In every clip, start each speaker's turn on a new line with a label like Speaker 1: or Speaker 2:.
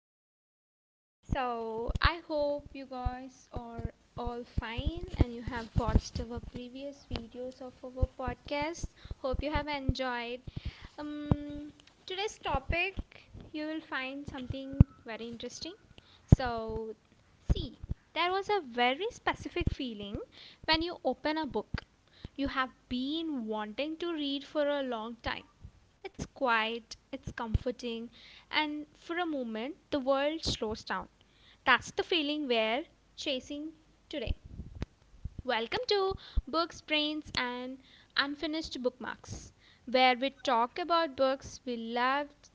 Speaker 1: Okay, so I hope you guys are all fine and you have watched our previous videos of our podcast. Hope you have enjoyed. Um, Today's topic you will find something very interesting. So, see me, there was a very specific feeling when you open a book you have been wanting to read for a long time. It's quiet, it's comforting, and for a moment the world slows down. That's the feeling we're chasing today. Welcome to Books, Brains, and Unfinished Bookmarks, where we talk about books we loved,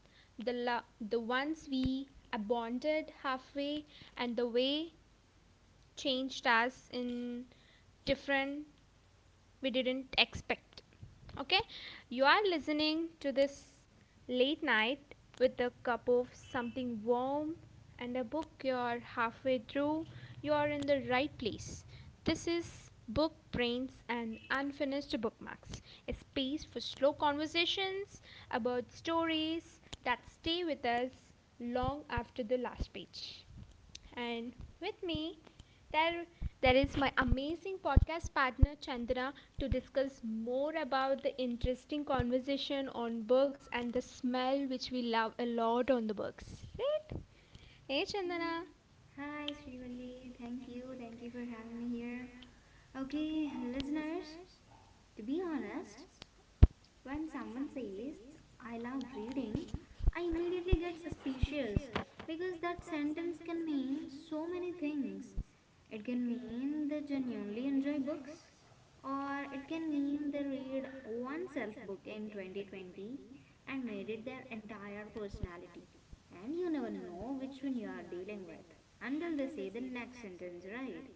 Speaker 1: the ones we abandoned halfway, and the way changed us in different we didn't expect. Okay, you are listening to this late night with a cup of something warm and a book you're halfway through. You are in the right place. This is Book Brains and Unfinished Bookmarks, a space for slow conversations about stories that stay with us long after the last page. And with me, there there is my amazing podcast partner Chandra, to discuss more about the interesting conversation on books and the smell which we love a lot on the books. Right? Hey Chandana.
Speaker 2: Hi, Srivalli. Thank you. Thank you for having me here. Okay, listeners, to be honest, when someone says, I love reading, I immediately get suspicious because that sentence can mean so many things. It can mean they genuinely enjoy books, or it can mean they read one self book in 2020 and made it their entire personality. And you never know which one you are dealing with until they say the next sentence, right?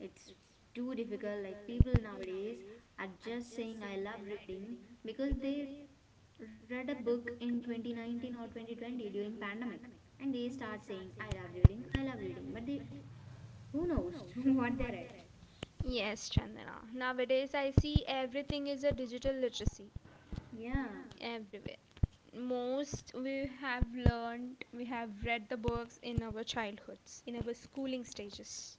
Speaker 2: It's too difficult. Like, people nowadays are just saying I love reading because they read a book in 2019 or 2020 during pandemic, and they start saying I love reading, but they, who knows what they read.
Speaker 1: Yes, Chandana. Nowadays I see everything is a digital literacy
Speaker 2: Yeah,
Speaker 1: everywhere. Most we have learned, we have read the books in our childhoods, in our schooling stages.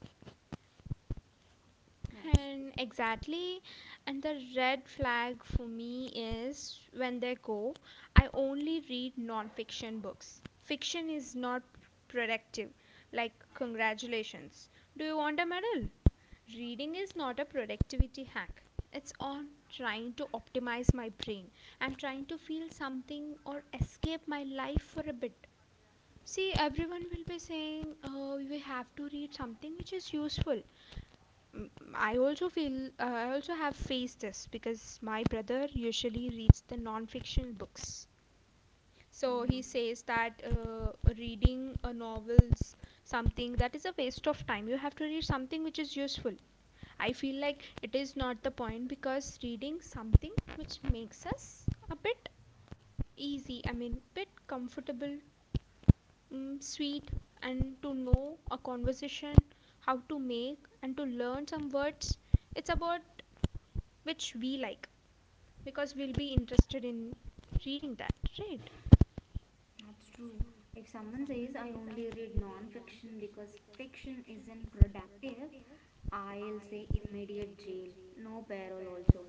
Speaker 2: that's true.
Speaker 1: And exactly, and the red flag for me is when they go, I only read non fiction books. Fiction is not productive. Like, congratulations. Do you want a medal? Reading is not a productivity hack. It's on trying to optimize my brain. I'm trying to feel something or escape my life for a bit. See, everyone will be saying, oh, you have to read something which is useful. Mm, I also feel, I also have faced this because my brother usually reads the non-fiction books. So
Speaker 2: Yeah,
Speaker 1: he says that reading a novel's something that is a waste of time. You have to read something which is useful. I feel like it is not the point because reading something which makes us a bit easy. I mean, bit comfortable, mm, sweet, and to know a conversation, how to make and to learn some words. It's about which we like because we'll be interested in reading that, right?
Speaker 2: that's true. If someone says I only read non-fiction because fiction isn't productive, I'll say immediate jail, no parole also.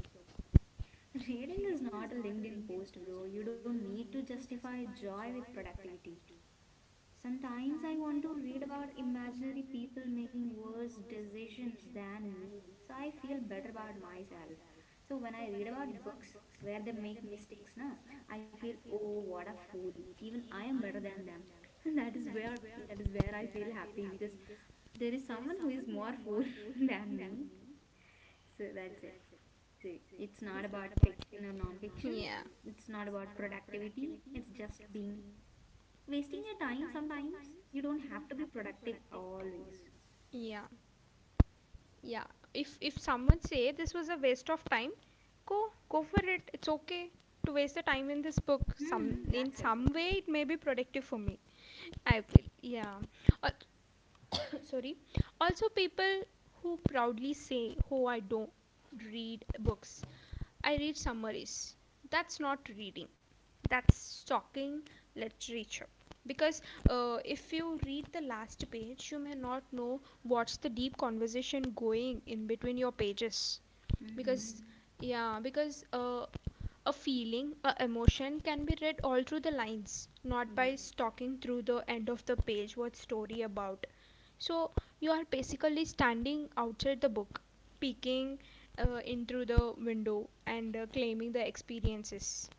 Speaker 2: Reading is not a LinkedIn post, bro. You don't need to justify joy with productivity. Sometimes I want to read about imaginary people making worse decisions than me, so I feel better about myself. So when I read about books where they make mistakes, now I feel, oh, what a fool. Even I am better than them. And that is where I feel happy because there is someone who is more fool than me, so that's it. So it's not about fiction or non-fiction.
Speaker 1: Yeah,
Speaker 2: It's not about productivity. It's just being wasting your time sometimes. You don't have to be productive always.
Speaker 1: yeah, yeah. If someone say this was a waste of time, go for it. It's okay to waste the time in this book. Some
Speaker 2: That's
Speaker 1: in
Speaker 2: it.
Speaker 1: some way it may be productive for me. I feel yeah. Uh, sorry. Also, people who proudly say, "Oh, I don't read books. I read summaries." That's not reading. That's stalking literature because if you read the last page you may not know what's the deep conversation going in between your pages
Speaker 2: Mm-hmm.
Speaker 1: because yeah because a feeling a emotion can be read all through the lines, not by
Speaker 2: Yes,
Speaker 1: stalking through the end of the page what story about. So you are basically standing outside the book peeking in through the window and claiming the experiences.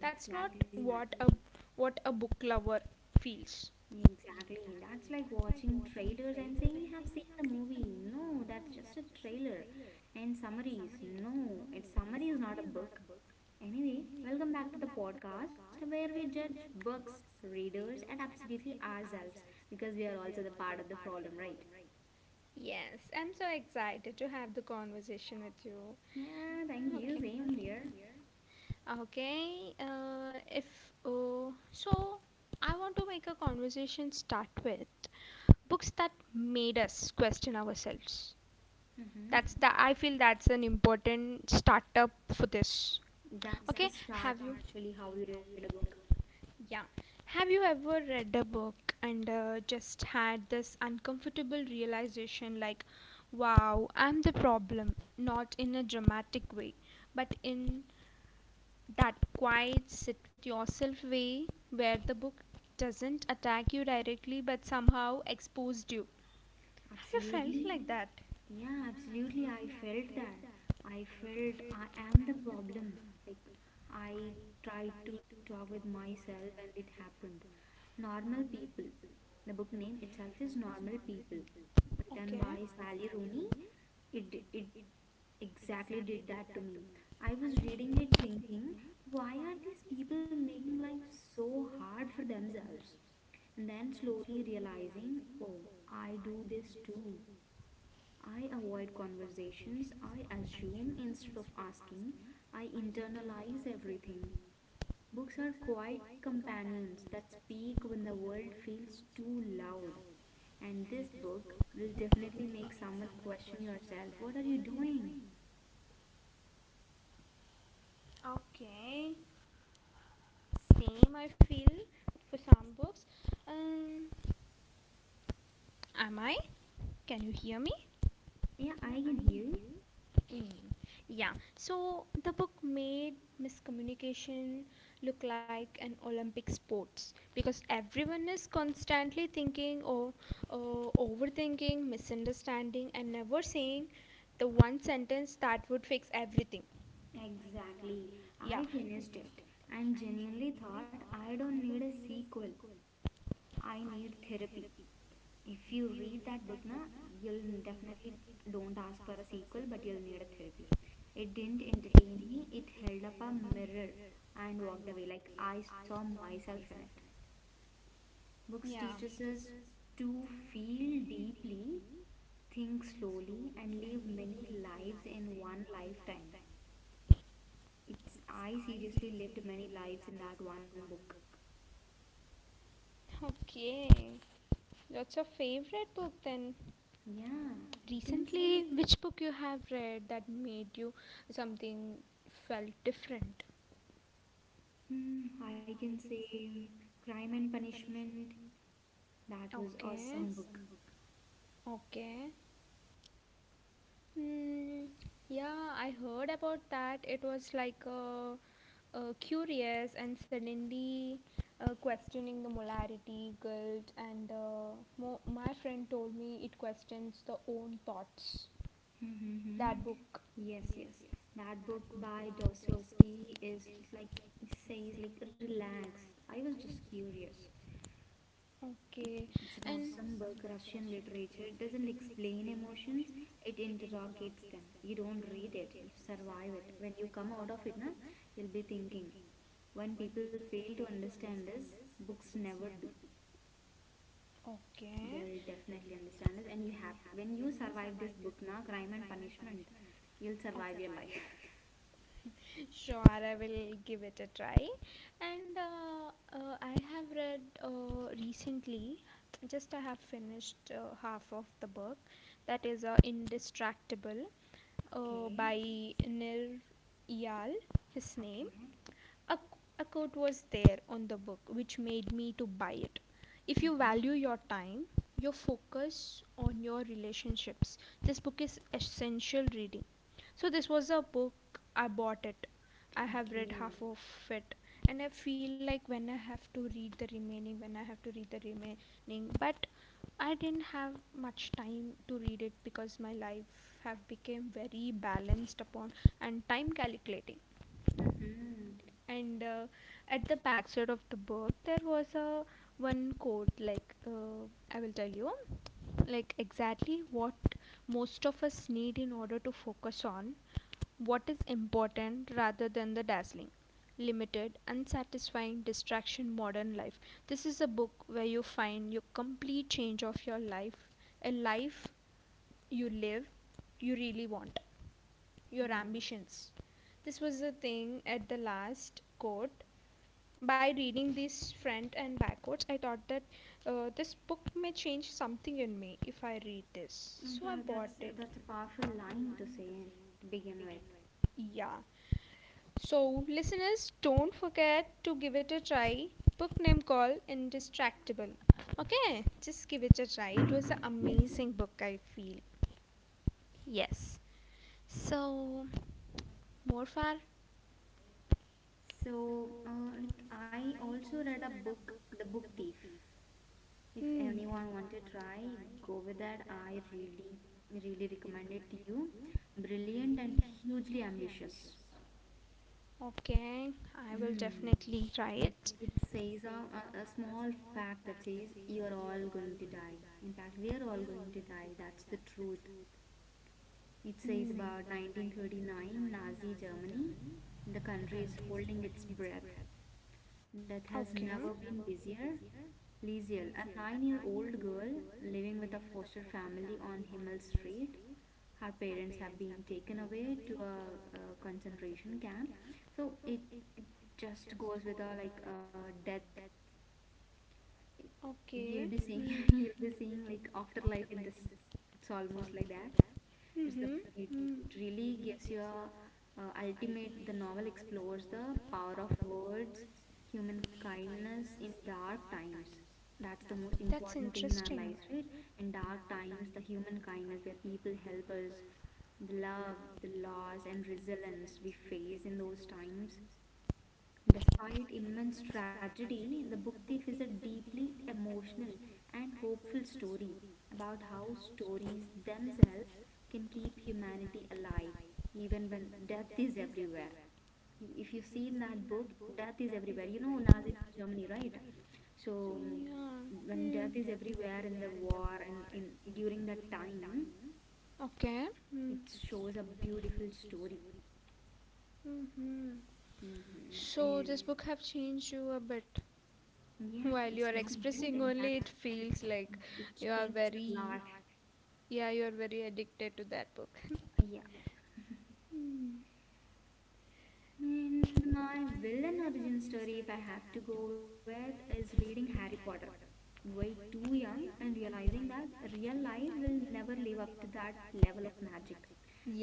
Speaker 1: That's not
Speaker 2: exactly.
Speaker 1: what a what a book lover feels.
Speaker 2: Exactly. That's like watching trailers and saying you have seen the movie. No, that's just a trailer. And summaries. No, its summary is not a book. Anyway, welcome back to the podcast where we judge books, readers, and absolutely ourselves because we are also the part of the problem, right?
Speaker 1: Yes, I'm so excited to have the conversation with you.
Speaker 2: Yeah, thank you.
Speaker 1: Okay.
Speaker 2: Same here.
Speaker 1: Okay, if so, I want to make a conversation start with books that made us question ourselves.
Speaker 2: Mm-hmm.
Speaker 1: That's the I feel that's an important startup for this.
Speaker 2: That's
Speaker 1: Okay,
Speaker 2: the start,
Speaker 1: have you?
Speaker 2: actually, how you read a book.
Speaker 1: Yeah. Have you ever read a book and just had this uncomfortable realization like, wow, I'm the problem? Not in a dramatic way, but in that quiet sit with yourself way where the book doesn't attack you directly but somehow exposed you. Have you felt
Speaker 2: Absolutely.
Speaker 1: like that?
Speaker 2: Yeah, absolutely. I felt that. I felt I am the problem. Like, I tried to talk with myself and it happened. Normal People. The book name itself is Normal People, written
Speaker 1: Okay.
Speaker 2: by Sally Rooney. It exactly did that to me. I was reading it thinking, why are these people making life so hard for themselves? And then slowly realizing, oh, I do this too. I avoid conversations, I assume instead of asking, I internalize everything. Books are quiet companions that speak when the world feels too loud. And this book will definitely make someone question yourself. What are you doing?
Speaker 1: Okay, same I feel for some books. Um, am I? Can you hear me?
Speaker 2: Yeah, I can hear you.
Speaker 1: Mm. Yeah. So the book made miscommunication look like an Olympic sports because everyone is constantly thinking or overthinking, misunderstanding, and never saying the one sentence that would fix everything.
Speaker 2: Exactly.
Speaker 1: Yeah.
Speaker 2: I finished it and genuinely thought I don't need a sequel. I need therapy. If you read that book, na, you'll definitely don't ask for a sequel, but you'll need a therapy. It didn't entertain me, it held up a mirror and walked away. Like, I saw myself in it. Books
Speaker 1: Yeah.
Speaker 2: teaches us to feel deeply, think slowly, and live many lives in one lifetime. It's i seriously lived many lives in that one book.
Speaker 1: Okay. What's your favorite book then?
Speaker 2: Yeah, you can say like,
Speaker 1: Recently, which book you have read that made you something felt different?
Speaker 2: I can say Crime and Punishment. That was
Speaker 1: Okay.
Speaker 2: awesome book.
Speaker 1: Okay. Hmm. Yeah, I heard about that. It was like a curious and suddenly questioning the molarity, guilt, and my friend told me it questions the own thoughts.
Speaker 2: Mm-hmm.
Speaker 1: That book.
Speaker 2: Yes, yes. That book by Dostoevsky is like it says like relax. I was just curious. It,
Speaker 1: Okay.
Speaker 2: it's an
Speaker 1: And
Speaker 2: awesome book. Russian literature doesn't explain emotions. It interrogates them. You don't read it. You survive it. When you come out of it, na, you'll be thinking. When people fail to understand this, books never do. They
Speaker 1: okay.
Speaker 2: will definitely understand this, and you have to, when you survive this book now, Crime and Punishment, you'll survive your life.
Speaker 1: Sure, I will give it a try. And I have read recently, just I have finished half of the book, that is Indistractable
Speaker 2: Okay.
Speaker 1: by Nir Eyal, his name.
Speaker 2: Okay.
Speaker 1: A, a quote was there on the book which made me to buy it. If you
Speaker 2: Mm-hmm.
Speaker 1: value your time, your focus on your relationships, this book is essential reading. So this was a book I bought it. I have read
Speaker 2: Okay.
Speaker 1: half of it, and I feel like when I have to read the remaining when I have to read the remaining but I didn't have much time to read it because my life have become very balanced upon and time calculating.
Speaker 2: Mm-hmm.
Speaker 1: Mm-hmm. And at the backside of the book there was a one quote like, I will tell you like exactly what most of us need in order to focus on what is important rather than the dazzling limited unsatisfying distraction modern life. This is a book where you find your complete change of your life, a life you live you really want, your
Speaker 2: Wow.
Speaker 1: ambitions. This was the thing at the last quote. By reading these front and back quotes, I thought that this book may change something in me if I read this.
Speaker 2: In
Speaker 1: So I
Speaker 2: fact,
Speaker 1: bought
Speaker 2: that's
Speaker 1: it.
Speaker 2: that's a powerful line to say to begin with.
Speaker 1: Yeah. So, listeners, don't forget to give it a try. Book name called Indistractable. Okay, just give it a try. It was an amazing book, I feel. Yes. So, Morfar.
Speaker 2: So like, I also read a book, The Book Thief. If
Speaker 1: Hmm.
Speaker 2: anyone want to try, go with that. I really really recommend it to you. Brilliant and hugely ambitious.
Speaker 1: Okay, I will
Speaker 2: Hmm.
Speaker 1: try
Speaker 2: It,
Speaker 1: it.
Speaker 2: it says a small fact that says you're all going to die. In fact, we're all going to die. That's the truth. It says about 1939 Nazi Germany. The country is holding its breath. Death has never been busier. Liesel, a 9-year old girl living with a foster family on Himmel Street. Her parents have been taken away to a concentration camp. So it just goes with a like a death. You'll be seeing
Speaker 1: Okay.
Speaker 2: you'll be seeing like afterlife in this. It's almost like that. It's the it
Speaker 1: Mm-hmm.
Speaker 2: really gives you a ultimate, the novel explores the power of words, human kindness in dark times. That's the most important thing in our lives, right? In dark times, the human kindness where people help us, the love, the loss, and resilience we face in those times. Despite immense tragedy, The Book Thief is a deeply emotional and hopeful story about how stories themselves can keep humanity alive even when death is everywhere. If you see in that book, death is everywhere. You know Nazi Germany, right? So when death
Speaker 1: Mm.
Speaker 2: is everywhere in the war and in during that time,
Speaker 1: Okay.
Speaker 2: it
Speaker 1: Mm.
Speaker 2: shows a beautiful story.
Speaker 1: Hmm. So
Speaker 2: And
Speaker 1: this book have changed you a bit.
Speaker 2: yeah, it's
Speaker 1: While you
Speaker 2: not a
Speaker 1: are
Speaker 2: bad, in
Speaker 1: expressing
Speaker 2: fact.
Speaker 1: only, it feels like
Speaker 2: It
Speaker 1: you are
Speaker 2: changes a
Speaker 1: very,
Speaker 2: lot.
Speaker 1: yeah, you are very addicted to that book.
Speaker 2: Yeah.
Speaker 1: Hmm.
Speaker 2: And my villain origin story, if I have to go with, is reading Harry Potter. Way too young and realizing that real life will never live up to that level of magic.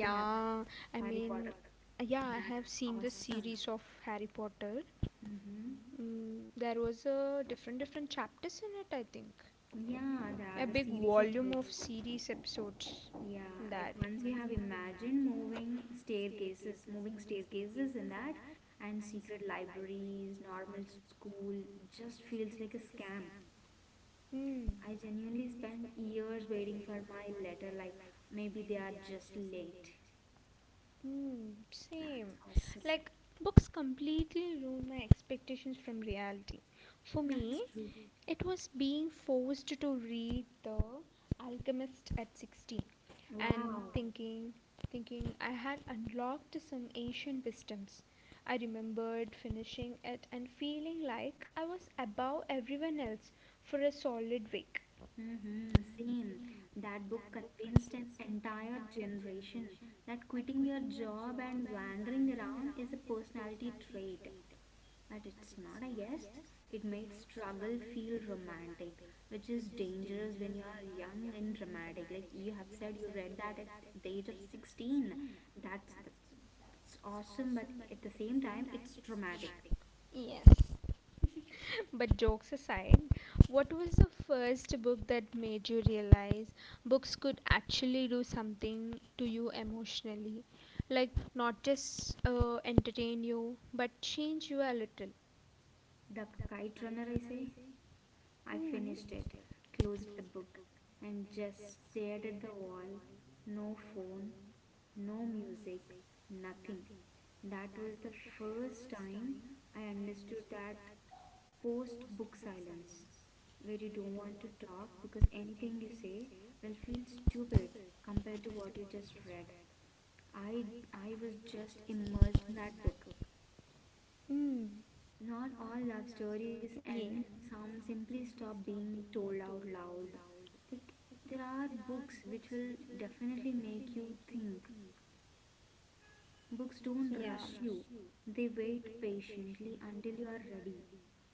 Speaker 2: We have
Speaker 1: I Harry
Speaker 2: Harry
Speaker 1: mean,
Speaker 2: Potter.
Speaker 1: Potter. Yeah, I
Speaker 2: That's
Speaker 1: have seen the
Speaker 2: awesome.
Speaker 1: series of Harry Potter.
Speaker 2: Mm-hmm.
Speaker 1: Mm, there was a different chapters in it, I think.
Speaker 2: Yeah, there are a
Speaker 1: A big
Speaker 2: series of
Speaker 1: volume
Speaker 2: books.
Speaker 1: of series episodes
Speaker 2: Yeah,
Speaker 1: in
Speaker 2: like,
Speaker 1: that.
Speaker 2: once
Speaker 1: Like
Speaker 2: you have
Speaker 1: Mm.
Speaker 2: imagined moving staircases in that, and secret libraries, normal school just feels like a scam.
Speaker 1: Mm.
Speaker 2: I genuinely spent years waiting for my letter, like maybe they are just late.
Speaker 1: Hmm,
Speaker 2: That's
Speaker 1: same.
Speaker 2: awesome.
Speaker 1: Like, books completely ruined my expectations from reality. For
Speaker 2: That's true.
Speaker 1: me, it was being forced to read The Alchemist at 16 and
Speaker 2: Wow.
Speaker 1: thinking I had unlocked some ancient wisdoms. I remembered finishing it and feeling like I was above everyone else for a solid week.
Speaker 2: Mm-hmm. Same. That book convinced an entire generation that quitting your job and wandering around is a personality trait. But it's not, I guess. It made struggle feel romantic, which is dangerous when you are young and dramatic. Like you have said, you read that at the age of 16. That's, that's, that's awesome, but at the same time, it's dramatic.
Speaker 1: Yes, but jokes aside, what was the first book that made you realize books could actually do something to you emotionally? Like, not just entertain you, but change you a little.
Speaker 2: The Kite Runner, I say. I
Speaker 1: I Hmm.
Speaker 2: finished it,
Speaker 1: finished it.
Speaker 2: closed the book, and just stared at the wall. No phone, no music, nothing. That was the first time I understood that post book
Speaker 1: Forced
Speaker 2: silence,
Speaker 1: silence.
Speaker 2: where you don't want to talk because anything you
Speaker 1: Thing is,
Speaker 2: say
Speaker 1: feels
Speaker 2: will feel stupid
Speaker 1: stupid.
Speaker 2: compared to
Speaker 1: Construct.
Speaker 2: what you just read. I I was just immersed in that book.
Speaker 1: Mm.
Speaker 2: Not all love stories end,
Speaker 1: Yeah.
Speaker 2: some simply stop being told out loud. Like, there are books which will definitely make you think. Books don't
Speaker 1: Yeah.
Speaker 2: rush you, they wait patiently until you are ready.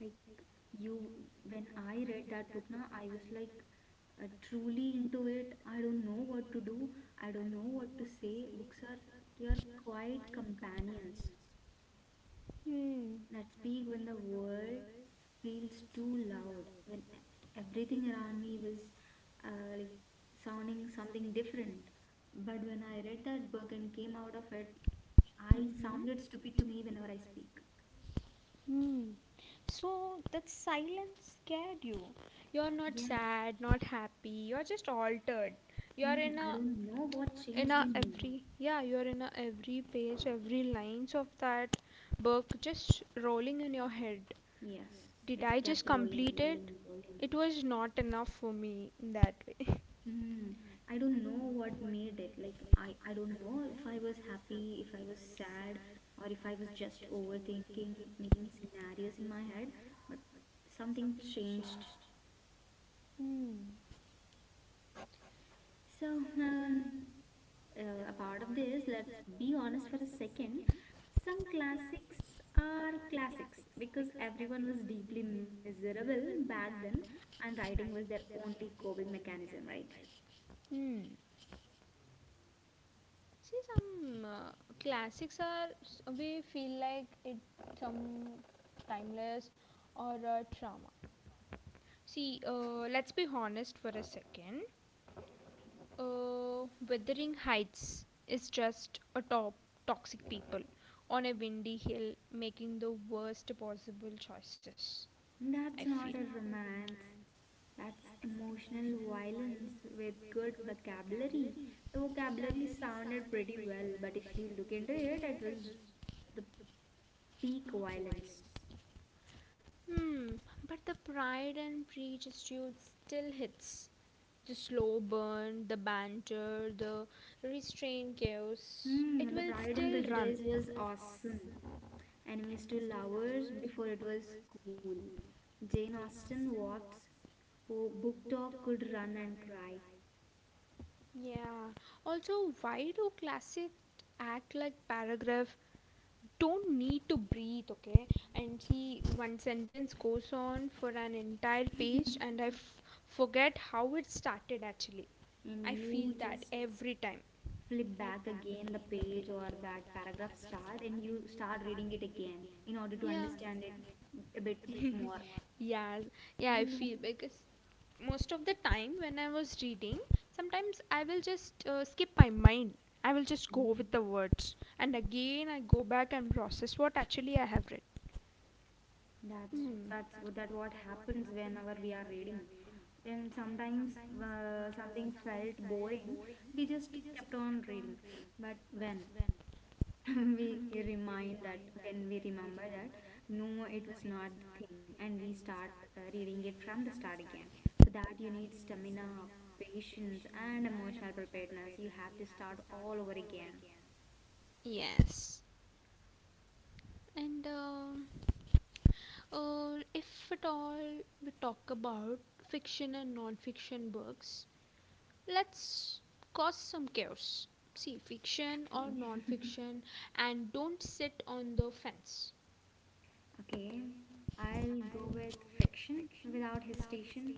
Speaker 2: Like, you, when I read that book, now I was like, truly into it. I don't know what to do, I don't know what to say. Books are your quiet companions
Speaker 1: Mm.
Speaker 2: that speak when the world feels too loud, when everything around me was like sounding something different. But when I read that book and came out of it, I sounded
Speaker 1: Mhm.
Speaker 2: stupid to me whenever I speak.
Speaker 1: Hmm. So that silence scared you. You're not
Speaker 2: Yeah,
Speaker 1: sad, not happy. You're just altered. You're in
Speaker 2: I
Speaker 1: a I
Speaker 2: don't know
Speaker 1: don't know
Speaker 2: what
Speaker 1: what in
Speaker 2: changed
Speaker 1: a silence
Speaker 2: in
Speaker 1: means.
Speaker 2: me.
Speaker 1: Every yeah. You're in a every page, every lines of that book just rolling in your head. Yes,
Speaker 2: Yes,
Speaker 1: did
Speaker 2: it
Speaker 1: I
Speaker 2: kept
Speaker 1: just definitely
Speaker 2: rolling,
Speaker 1: complete
Speaker 2: rolling,
Speaker 1: it?
Speaker 2: rolling.
Speaker 1: Rolling in. It was not enough for me in that way.
Speaker 2: Hmm. I don't know what made it. Like I don't know if I was happy, if I was sad, or if I was just overthinking, making scenarios in my head, but something changed.
Speaker 1: Hmm.
Speaker 2: So, um, a part of this, let's be honest for a second. Some classics are classics because everyone was deeply miserable back then, and writing was their only coping mechanism, right?
Speaker 1: Hmm. See some classics are s- we feel like it some timeless or a trauma. See, let's be honest for a second. Wuthering Heights is just a top toxic people on a windy hill making the worst possible choices. I
Speaker 2: That's
Speaker 1: feel.
Speaker 2: not a romance. That's emotional violence with good vocabulary. The vocabulary sounded pretty well, but if you look into it, it was the peak violence.
Speaker 1: Hmm, but the Pride and Prejudice still hits. The slow burn, the banter, the restrained chaos. It
Speaker 2: Hmm,
Speaker 1: Mm,
Speaker 2: the
Speaker 1: will the
Speaker 2: Pride and
Speaker 1: still private run.
Speaker 2: Prejudice was
Speaker 1: Updates.
Speaker 2: awesome. Enemies to lovers before it was cool. Jane Austen walked, oh, book talk could run and cry,
Speaker 1: Yeah. Also, why do classic act like paragraph don't need to breathe, okay? And see, one sentence goes on for an entire page, and forget how it started actually. I
Speaker 2: and you
Speaker 1: feel that
Speaker 2: just
Speaker 1: Mm, every time.
Speaker 2: flip back again the page, or that paragraph start, and you start reading it again in order to
Speaker 1: Yeah.
Speaker 2: understand it a bit more.
Speaker 1: Yeah,
Speaker 2: You
Speaker 1: yeah, I
Speaker 2: know,
Speaker 1: feel because most of the time when I was reading sometimes I will just skip my mind. I will just go
Speaker 2: mm,
Speaker 1: with the words and again I go back and process what actually I have read.
Speaker 2: that's
Speaker 1: Hmm.
Speaker 2: that's what that what happens whenever we are reading. And sometimes something felt boring, we just kept on reading, but when we remind that when we remember that, no, it was not the thing, and we start reading it from the start again. For that, you need stamina, patience, and emotional preparedness. You have to start all over again.
Speaker 1: Yes. And if at all we talk about fiction and non-fiction books, let's cause some chaos. See, fiction or
Speaker 2: Okay.
Speaker 1: non fiction, and don't sit on the fence.
Speaker 2: Okay, I'll go with fiction without hesitation.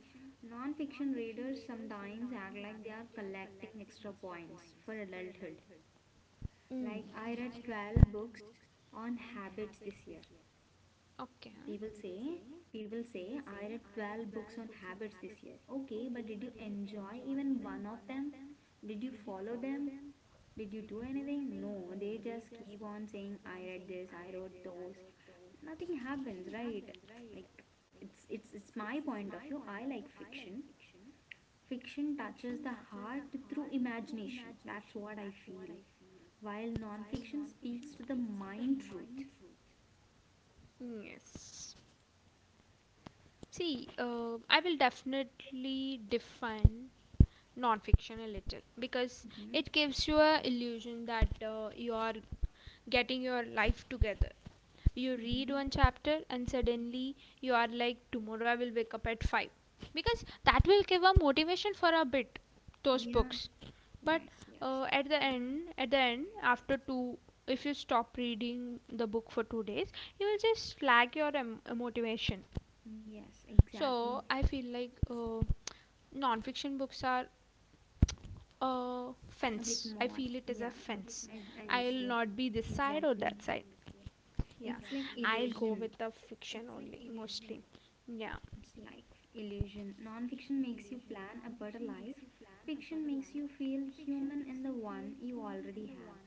Speaker 2: Non-fiction readers sometimes act like they are collecting extra points for adulthood,
Speaker 1: Mm.
Speaker 2: like I read 12 books on habits this year.
Speaker 1: Okay.
Speaker 2: People say, people say, I read 12 books on habits this year. Okay, but did you enjoy even one of them? Did you follow them? Did you do anything? No, they just keep on saying, I read this, I wrote those. Nothing happens, right? Like, it's my point of view. I like fiction. Fiction touches the heart through imagination. That's what I feel. While non-fiction speaks to the mind truth.
Speaker 1: Yes. See, I will definitely define non-fiction a little because
Speaker 2: Mm-hmm.
Speaker 1: it gives you a illusion that you are getting your life together. You read
Speaker 2: Mm-hmm.
Speaker 1: one chapter and suddenly you are like tomorrow I will wake up at 5 because that will give a motivation for a bit, those
Speaker 2: Yeah.
Speaker 1: books. But
Speaker 2: Yes, yes,
Speaker 1: at the end after two, if you stop reading the book for 2 days you will just lag your motivation.
Speaker 2: yes, exactly.
Speaker 1: So I feel like non-fiction books are a
Speaker 2: A bit
Speaker 1: fence. I
Speaker 2: more.
Speaker 1: feel it is a
Speaker 2: Yeah, I understand.
Speaker 1: not be this side or
Speaker 2: Exactly.
Speaker 1: that. Yeah,
Speaker 2: It's like
Speaker 1: I'll go
Speaker 2: illusion.
Speaker 1: with the fiction. Yeah.
Speaker 2: It's like illusion. Non-fiction makes you plan a better life. Fiction makes you feel human in the one you already have.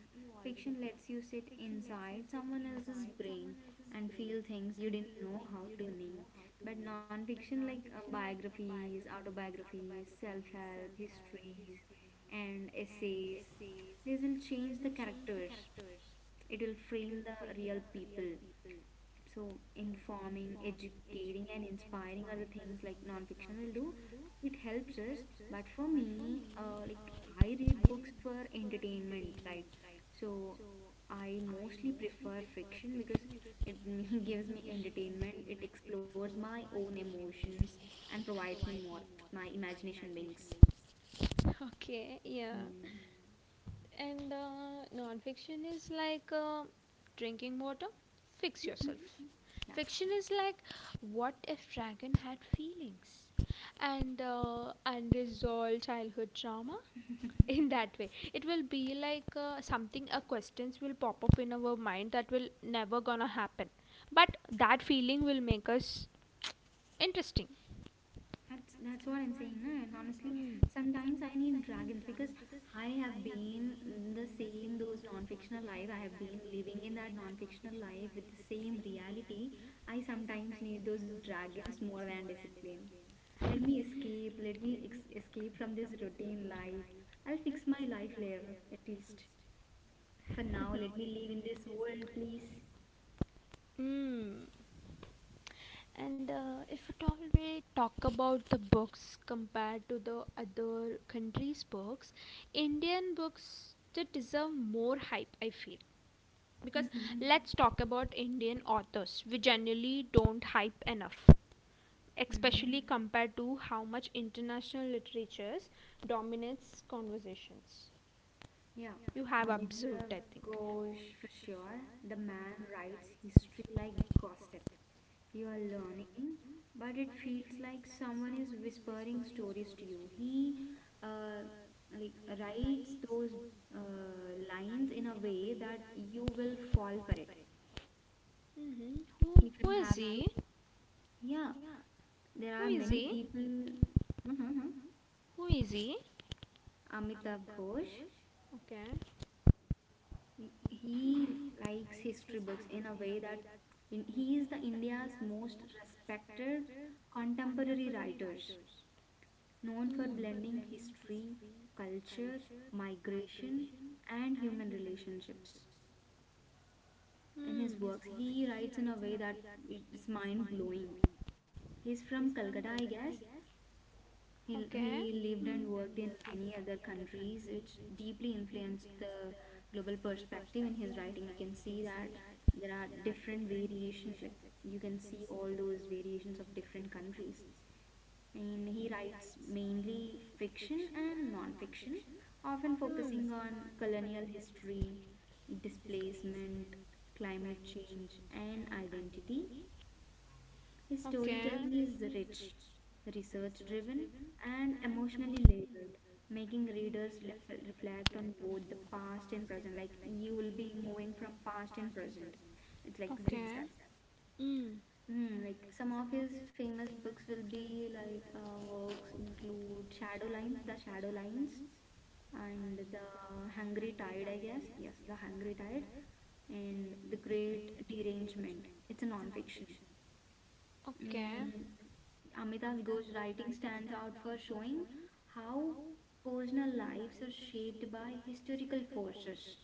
Speaker 2: Fiction lets you sit inside someone else's brain and feel things you didn't know how to name. But non-fiction like biographies, autobiographies, self-help, histories, and essays, these will change the characters. It will frame the real people. So, informing, educating, and inspiring are the things like non-fiction will do. It helps us, but for me, like I read books for entertainment, right? So, I mostly prefer fiction because it me gives me entertainment. It explores my own emotions and provides me more my imagination wings.
Speaker 1: Okay, yeah.
Speaker 2: Hmm.
Speaker 1: And non-fiction is like drinking water. Fix
Speaker 2: Mhm.
Speaker 1: yourself.
Speaker 2: That's
Speaker 1: Fiction
Speaker 2: true.
Speaker 1: is like what if dragon had feelings and unresolved childhood trauma in that way it will be like something a questions will pop up in our mind that will never gonna happen but that feeling will make us interesting
Speaker 2: That's what I'm saying, na? And honestly, sometimes I need dragons because I have been in the same those non-fictional life. I have been living in that non-fictional life with the same reality. I sometimes need those dragons more than discipline. Let me escape. Let me escape from this routine life. I'll fix my life later, at least. For now, let me live in this world, please.
Speaker 1: mm. And if at all we talk about the books compared to the other countries books, Indian books they deserve more hype I feel because
Speaker 2: Mm-hmm.
Speaker 1: talk about Indian authors we generally don't hype enough,
Speaker 2: Mm-hmm.
Speaker 1: especially compared to how much international literatures dominates conversations.
Speaker 2: Yeah,
Speaker 1: Have.
Speaker 2: Amitav Ghosh for sure. The man writes history like gossip. You are learning, but it feels like someone is whispering stories to you. He uh, like writes those uh, lines in a way that you will fall for it.
Speaker 1: Mm-hmm.
Speaker 2: Even
Speaker 1: Who is
Speaker 2: have to.
Speaker 1: he?
Speaker 2: Yeah, there are many people. uh
Speaker 1: Who is he?
Speaker 2: Amitav Ghosh.
Speaker 1: Okay.
Speaker 2: He likes history books in a way that he is the India's most respected contemporary writers, known for blending history, culture, migration, and human relationships. In his
Speaker 1: Mm,
Speaker 2: works, he writes in a way that it's mind blowing. He's from Calcutta, I guess. He,
Speaker 1: okay.
Speaker 2: he lived and worked in many other countries, which deeply influenced the global perspective in his writing. You can see that there are different variations, like you can see all those variations of different countries. And he writes mainly fiction and non fiction, often focusing on colonial history, displacement, climate change, and identity. His storytelling is rich, research driven, and emotionally layered, making readers reflect on both the past and present. Like you will be moving from past and present. It's like zigzag.
Speaker 1: Mm,
Speaker 2: Mm, like some of his famous books will be like works include The Shadow Lines, and The Hungry Tide, I guess. Yes, The Hungry Tide, and The Great Derangement. It's a non fiction.
Speaker 1: okay.
Speaker 2: And Amita's Ghosh writing stands out for showing how personal lives are shaped by historical forces.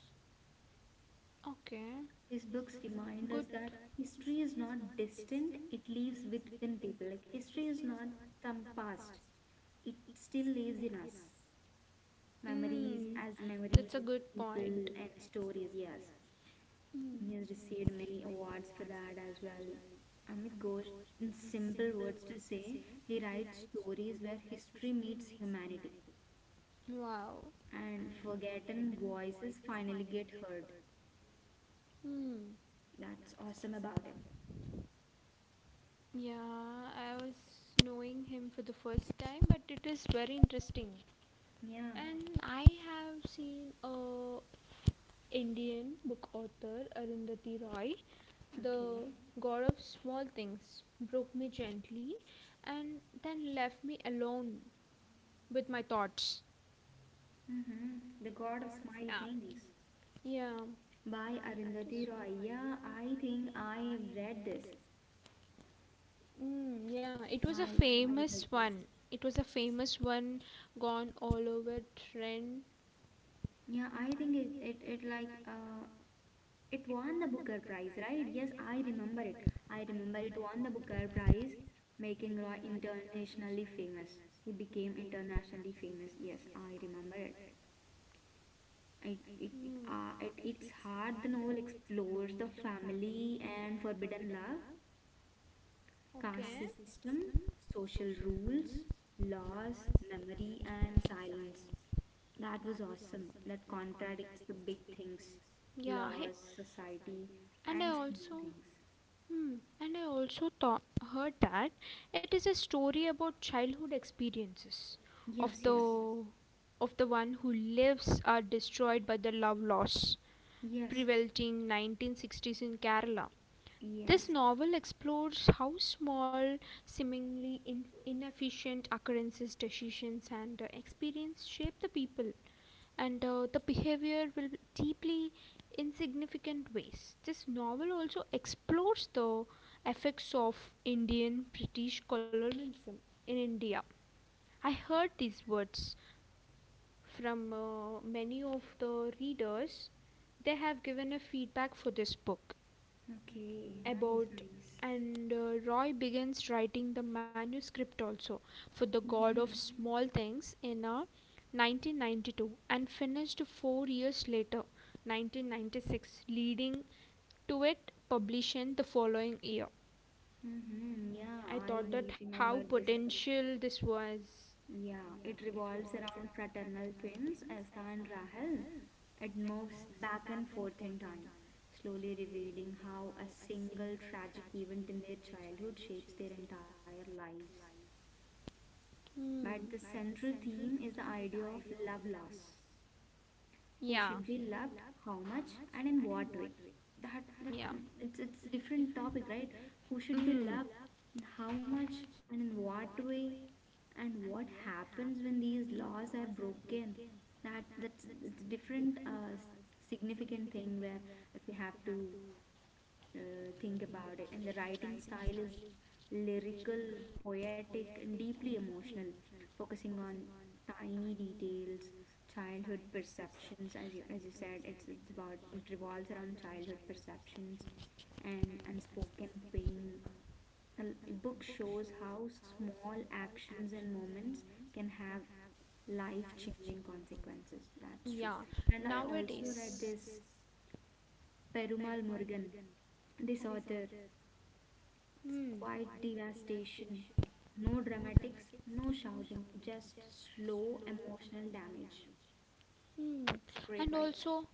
Speaker 1: Okay.
Speaker 2: His books remind us that history is not distant, it lives within people. Like history is not some past, it still lives in us.
Speaker 1: Mm,
Speaker 2: Memories as memories,
Speaker 1: point.
Speaker 2: people, and stories, yes. He has
Speaker 1: Mm,
Speaker 2: received many awards for that as well. Amit Ghosh, in simple words to say, he writes stories where history meets humanity
Speaker 1: wow.
Speaker 2: and forgotten voices finally get heard.
Speaker 1: Mm,
Speaker 2: That's awesome about him.
Speaker 1: yeah, I was knowing him for the first time, but it is very interesting.
Speaker 2: Yeah,
Speaker 1: I have seen a Indian book author Arundhati Roy,
Speaker 2: okay.
Speaker 1: the god of small things, broke me gently and then left me alone with my thoughts.
Speaker 2: Mm-hmm. The God of Smile Things
Speaker 1: Yeah,
Speaker 2: by Arundhati Roy. Yeah, I think I have read this.
Speaker 1: mm, yeah.
Speaker 2: I read this.
Speaker 1: It was a famous one gone all over trend.
Speaker 2: Yeah, I think It won the Booker Prize, right? Yes, I remember it. I remember it won the Booker Prize, making Roy internationally famous. He became internationally famous. Yes, I remember it. It, it at its heart, the novel explores the family and forbidden love, caste
Speaker 1: Okay.
Speaker 2: system, social rules, laws, memory, and silence. That was awesome. That contradicts the big things,
Speaker 1: Yeah.
Speaker 2: laws, society, and small things.
Speaker 1: Hmm. And I also thought heard that it is a story about childhood experiences
Speaker 2: Yes, yes,
Speaker 1: of the one who lives are destroyed by the love loss,
Speaker 2: yes,
Speaker 1: prevalent in 1960s in Kerala.
Speaker 2: yes.
Speaker 1: Novel explores how small, seemingly inefficient occurrences, decisions, and experience shape the people and the behavior will be deeply insignificant ways. This novel also explores the effects of Indian British colonialism in India. I heard these words from many of the readers. They have given a feedback for this book.
Speaker 2: Okay, nice, nice.
Speaker 1: And Roy begins writing the manuscript also for The God of
Speaker 2: Mm-hmm.
Speaker 1: Small Things in 1992 and finished 4 years later, 1996, leading to it publishing the following year.
Speaker 2: Mm-hmm. Yeah, I remember this book.
Speaker 1: Till this was.
Speaker 2: Yeah, it revolves around fraternal twins Asta and Rahel. It moves back and forth in time, slowly revealing how a single tragic event in their childhood shapes their entire lives.
Speaker 1: Hmm.
Speaker 2: But the central theme is the idea of love loss, who
Speaker 1: Yeah,
Speaker 2: should be loved, how much, and in what way. That it's different topic, right? Who should be loved, and how much, and in what way, and what happens when these laws are broken. That's it's different significant thing where we have to think about it. And the writing style is lyrical, poetic, and deeply emotional, focusing on tiny details, childhood perceptions. As you said, it's about it revolves around childhood perceptions and unspoken pain. A l- book shows how small actions and moments can have life-changing consequences. That's true. And I also read this Perumal Murugan, this author. It's
Speaker 1: mm.
Speaker 2: quite devastation. No dramatics, no shouting, just slow emotional damage.
Speaker 1: Mm.
Speaker 2: It's a great
Speaker 1: And
Speaker 2: writer.
Speaker 1: so,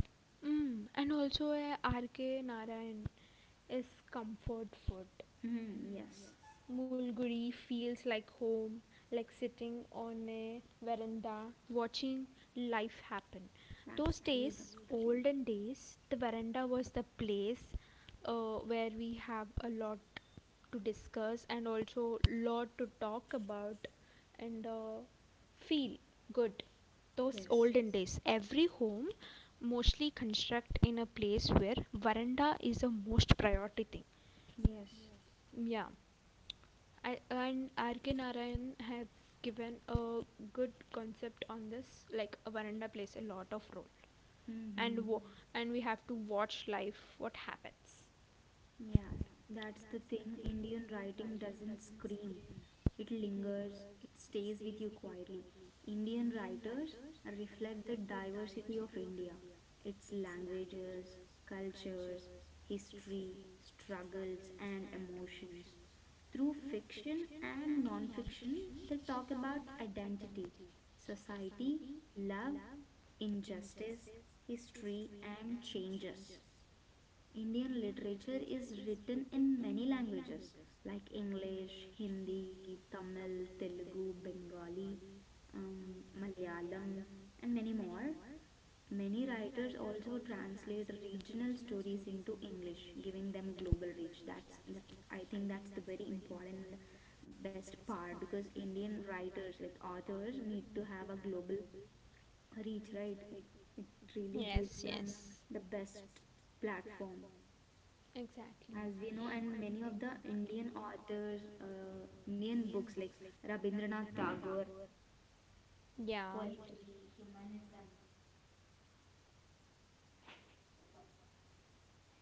Speaker 1: mm. And also R.K. Narayan is comfort food.
Speaker 2: Hmm, yes,
Speaker 1: Mulguri feels like home, like sitting on a veranda watching life happen. Those
Speaker 2: that's true.
Speaker 1: days,
Speaker 2: That's the thing.
Speaker 1: olden days, the veranda was the place where we have a lot to discuss and also lot to talk about and feel good. Those
Speaker 2: Yes,
Speaker 1: olden days, every home mostly construct in a place where veranda is the most priority thing.
Speaker 2: yes.
Speaker 1: Yeah, and R.K. Narayan has given a good concept on this. Like a veranda plays a lot of role,
Speaker 2: Mm-hmm.
Speaker 1: and we have to watch life what happens.
Speaker 2: Yes, that's the thing. Indian writing doesn't scream, it lingers, it stays with you quietly. Indian writers reflect the diversity of India, its languages, cultures, history, struggles, and emotions. Through fiction and non fiction, they talk about identity, society, love, injustice, history, and changes. Indian literature is written in many languages like English, Hindi, Tamil, Telugu, Bengali, Malayalam, and many more. Many writers also translate regional stories into English, giving them global reach. That's I think that's the very important and best part because Indian writers like authors need to have a global reach, right? It really gives them the best platform
Speaker 1: Exactly.
Speaker 2: as we know, and many of the Indian authors, Indian books like Rabindranath Tagore,
Speaker 1: Yeah, what?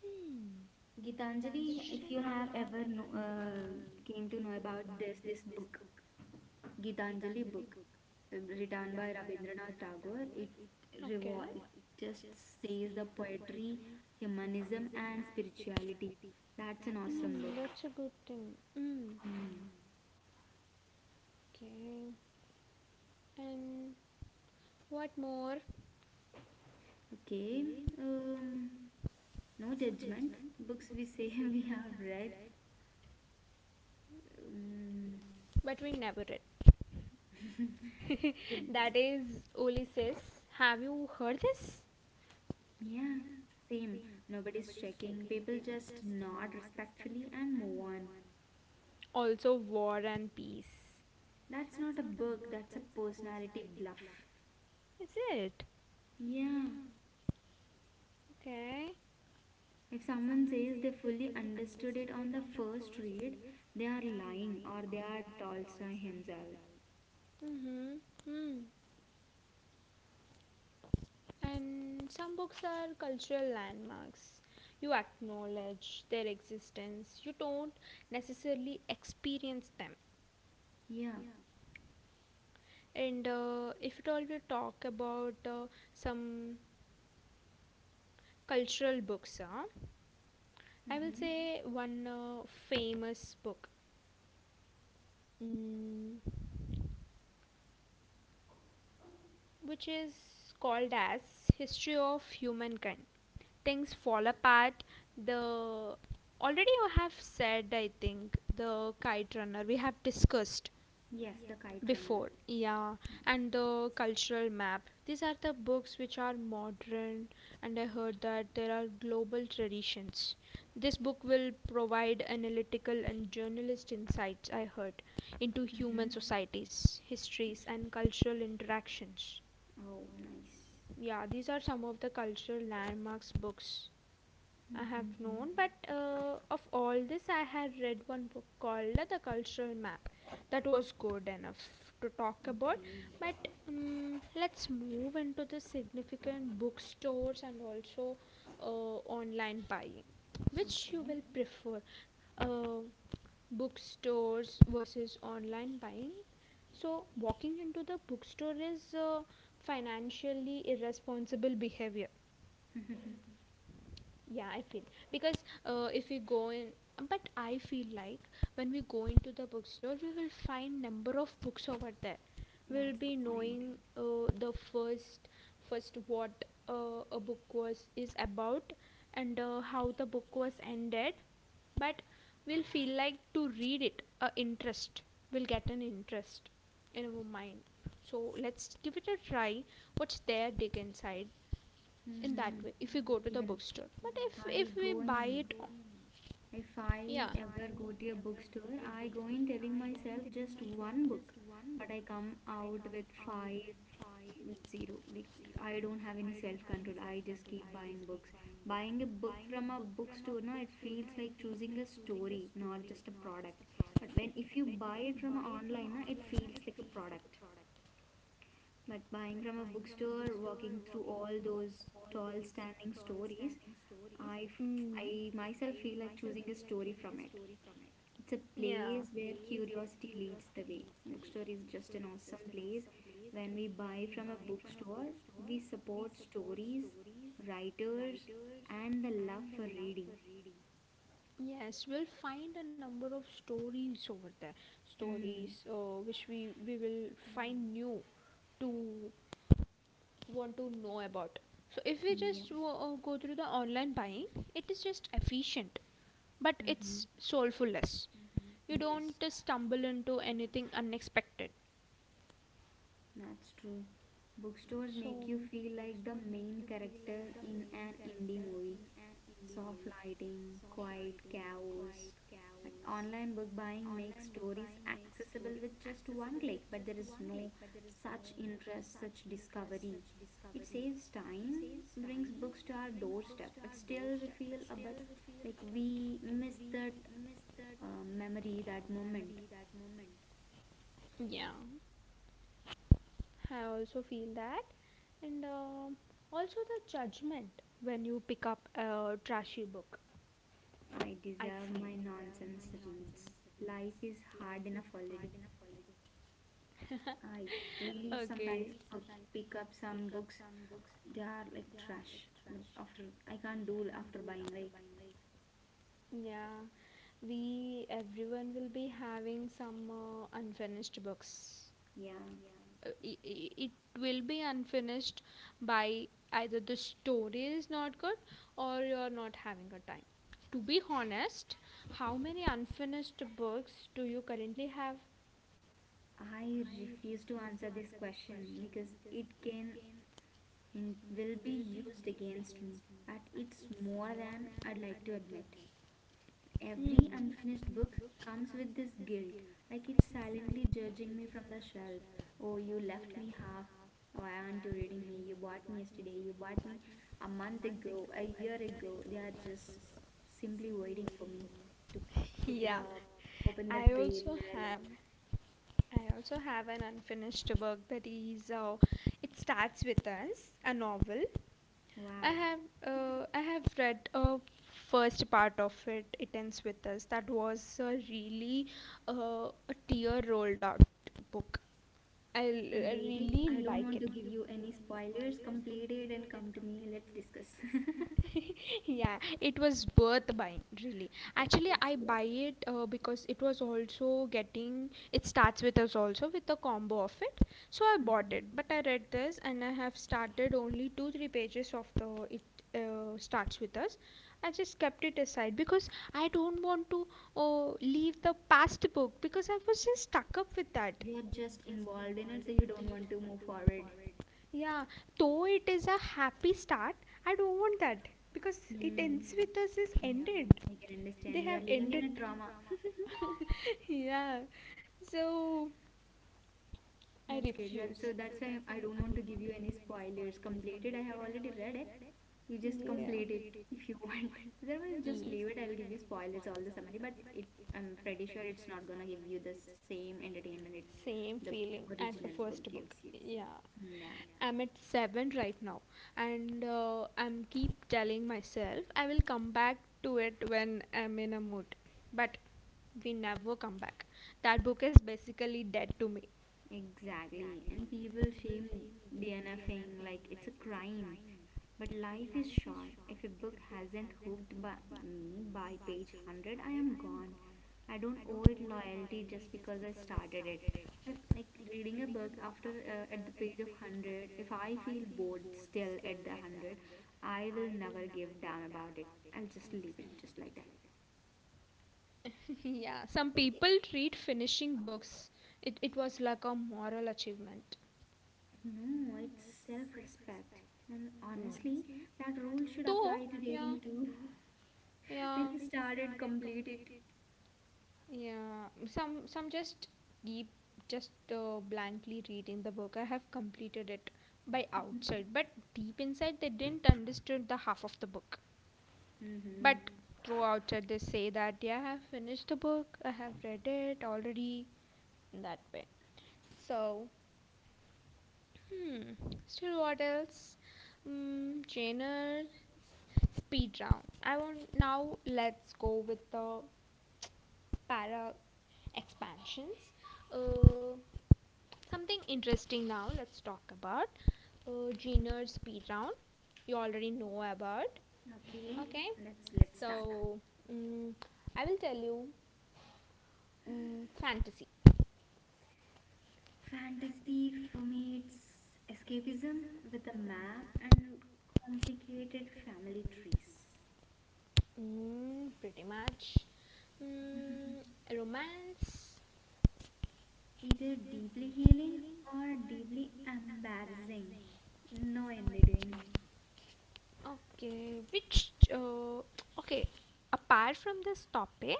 Speaker 1: Hmm.
Speaker 2: Gitanjali. If you have ever know, came to know about this book, Gitanjali book, written by Rabindranath Tagore, it just says the poetry, humanism, and spirituality. That's an awesome book.
Speaker 1: Good thing. Mm,
Speaker 2: Hmm.
Speaker 1: okay. And what more?
Speaker 2: Okay. Um, no judgment. Books we say we have read. Mm,
Speaker 1: But we never read.
Speaker 2: same.
Speaker 1: That is Oli says. Have you heard this?
Speaker 2: Yeah, same. Nobody's checking. People just nod respectfully and move on.
Speaker 1: Also, War and Peace.
Speaker 2: That's not a book, that's a personality bluff.
Speaker 1: Is it?
Speaker 2: Yeah,
Speaker 1: Okay.
Speaker 2: if someone says they fully understood it on the first read, they are lying or they are Tolstoy himself.
Speaker 1: Mm-hmm. Mm. And some books are cultural landmarks. You acknowledge their existence, you don't necessarily experience them.
Speaker 2: Yeah.
Speaker 1: And if at all we talk about some cultural books, I will
Speaker 2: Mm-hmm.
Speaker 1: say one famous book, mm, which is called as History of Humankind. Things fall apart. The already you have said, I think, the kite runner we have discussed.
Speaker 2: Yes, the kite runner.
Speaker 1: Yeah, and the cultural map. These are the books which are modern, and I heard that there are global traditions. This book will provide analytical and journalist insights, I heard, into human
Speaker 2: Mm-hmm.
Speaker 1: societies, histories, and cultural interactions.
Speaker 2: Oh, nice.
Speaker 1: Yeah, these are some of the cultural landmarks books I have
Speaker 2: Mm-hmm.
Speaker 1: known. Of all this, I had read one book called The Cultural Map that was good enough to talk about,
Speaker 2: Okay,
Speaker 1: but let's move into the significant bookstores and also online buying. Which you
Speaker 2: okay.
Speaker 1: will prefer, uh, bookstores versus online buying? So, walking into the bookstore is financially irresponsible behavior, yeah I feel, because if we go in, but I feel like when we go into the bookstore we will find number of books over there, we'll
Speaker 2: That's the
Speaker 1: be
Speaker 2: point.
Speaker 1: knowing the first what a book was is about and how the book was ended, but we'll feel like to read it a interest, we'll get an interest in our mind, so let's give it a try, what's there dig inside, in that
Speaker 2: Mm-hmm.
Speaker 1: way if we go to the
Speaker 2: Even
Speaker 1: bookstore,
Speaker 2: I
Speaker 1: if we
Speaker 2: go in,
Speaker 1: buy,
Speaker 2: if I
Speaker 1: yeah.
Speaker 2: ever go to a bookstore, I go in telling myself just one book, but I come out with five, zero. Like, I don't have any self control. I just keep buying books. Buying a book from a bookstore, now it feels like choosing a story, not just a product. But when if you buy it from online, na, it feels like a product. But buying from a bookstore, walking through all those tall standing stories,
Speaker 1: Mm,
Speaker 2: I myself feel like choosing a story from it. It's a
Speaker 1: yeah.
Speaker 2: place where curiosity leads the way. Bookstore is just an awesome place. When we buy from a bookstore, we support stories, writers, and the love for reading.
Speaker 1: Yes, we'll find a number of stories over there.
Speaker 2: Hmm.
Speaker 1: Stories which we will new to want to know about. So if we just
Speaker 2: Yes.
Speaker 1: go through the online buying, it is just efficient, but
Speaker 2: Mm-hmm.
Speaker 1: it's soulfulless. You don't
Speaker 2: Yes.
Speaker 1: stumble into anything unexpected.
Speaker 2: That's true. Bookstores make you feel like the main character in an indie movie. Soft lighting, quiet chaos. But online book buying makes stories accessible with just one click, but there is no such interest, such discovery. It saves time, brings books to our doorstep, but still we feel a bit like we miss that memory, that moment.
Speaker 1: Yeah, I also feel that. And um, also the judgment when you pick up a trashy book.
Speaker 2: I
Speaker 1: I
Speaker 2: deserve
Speaker 1: f-
Speaker 2: my nonsense reads. Life is hard enough already. I really sometimes pick up some books. They are like trash. But after I can't do after buying, right?
Speaker 1: yeah, we everyone will be having some unfinished books.
Speaker 2: Yeah.
Speaker 1: It will be unfinished by either the story is not good or you're not having a time. To be honest, how many unfinished books do you currently have?
Speaker 2: I refuse to answer this question because it can and will be used against me. But it's more than I'd like to admit. Every unfinished book comes with this guilt, like it's silently judging me from the shelf. Oh, you left me half. Oh I Aren't you reading me? You bought me yesterday, you bought me a month ago, a year ago. They are just simply waiting for me to pick it
Speaker 1: Yeah,
Speaker 2: up, open that
Speaker 1: I
Speaker 2: page
Speaker 1: also
Speaker 2: where I
Speaker 1: have,
Speaker 2: left.
Speaker 1: I also have an unfinished work that is it starts with us a novel.
Speaker 2: Wow.
Speaker 1: I have I have read a first part of it. It ends with us. That was a really a tear rolled out book. I
Speaker 2: Complete it, I
Speaker 1: really
Speaker 2: don't want
Speaker 1: like
Speaker 2: to
Speaker 1: it.
Speaker 2: give you any spoilers. Complete it and come to me, let's discuss.
Speaker 1: Yeah, it was worth buying really.
Speaker 2: Yep.
Speaker 1: Actually
Speaker 2: It's
Speaker 1: I
Speaker 2: weird.
Speaker 1: buy it because it was also getting it starts with us also with the combo of it, so I bought it, but I read this and I have started only 2 3 pages of the it starts with us. I just kept it aside because I don't want to leave the past book because I was just stuck up with that.
Speaker 2: You're just involved in it, so you don't want to move forward.
Speaker 1: Yeah, though it is a happy start, I don't want that because it
Speaker 2: Hmm.
Speaker 1: does is
Speaker 2: Yeah,
Speaker 1: ended.
Speaker 2: I can understand. You are living in a trauma.
Speaker 1: Yeah. So
Speaker 2: That's good. That, so that's why I don't want to give you any spoilers. Complete it. I have already read it. You just
Speaker 1: I'm,
Speaker 2: complete it if you want. Otherwise, just leave it. I'll give you spoilers all the summary. I'm pretty sure it's not gonna give you the same entertainment it the original book gives you. Yeah.
Speaker 1: I'm at 7 right now and I'm keep telling myself I will come back to it when I'm in a mood. But we never come back. That book is basically dead to me.
Speaker 2: Exactly. And people shame DNFing like it's a crime. But life is short. If a book hasn't hooked by me by page 100, I am gone. I don't owe it loyalty just because I started it. If like reading a book after at the page of 100, if I feel bored still at the 100, I will never give damn about it. I'll just leave it just like that.
Speaker 1: Yeah, some people treat finishing books, it was like a moral achievement.
Speaker 2: No, it's self respect. And honestly, that rule should apply to dating too. When
Speaker 1: Yeah,
Speaker 2: you started, complete it.
Speaker 1: yeah. Some just keep just blankly reading the book. I have completed it by out. But deep inside, they didn't understand the half of the book.
Speaker 2: Mm-hmm.
Speaker 1: Through outside, they say that, yeah, I have finished the book, I have read it already, in that way. So, hmm, still what else? Mm, genre, speed round. I want now. Let's go with the para expansions. Uh, something interesting now. Let's talk about Jenner's speed round. You already know about.
Speaker 2: Okay,
Speaker 1: Okay,
Speaker 2: let's start.
Speaker 1: mm, I will tell you, mm, fantasy.
Speaker 2: Fantasy for me it's escapism with a map and complicated family trees.
Speaker 1: Mm, pretty much. Mm, romance.
Speaker 2: Either deeply healing or deeply embarrassing. No in between.
Speaker 1: Okay, which. Okay, apart from this topic,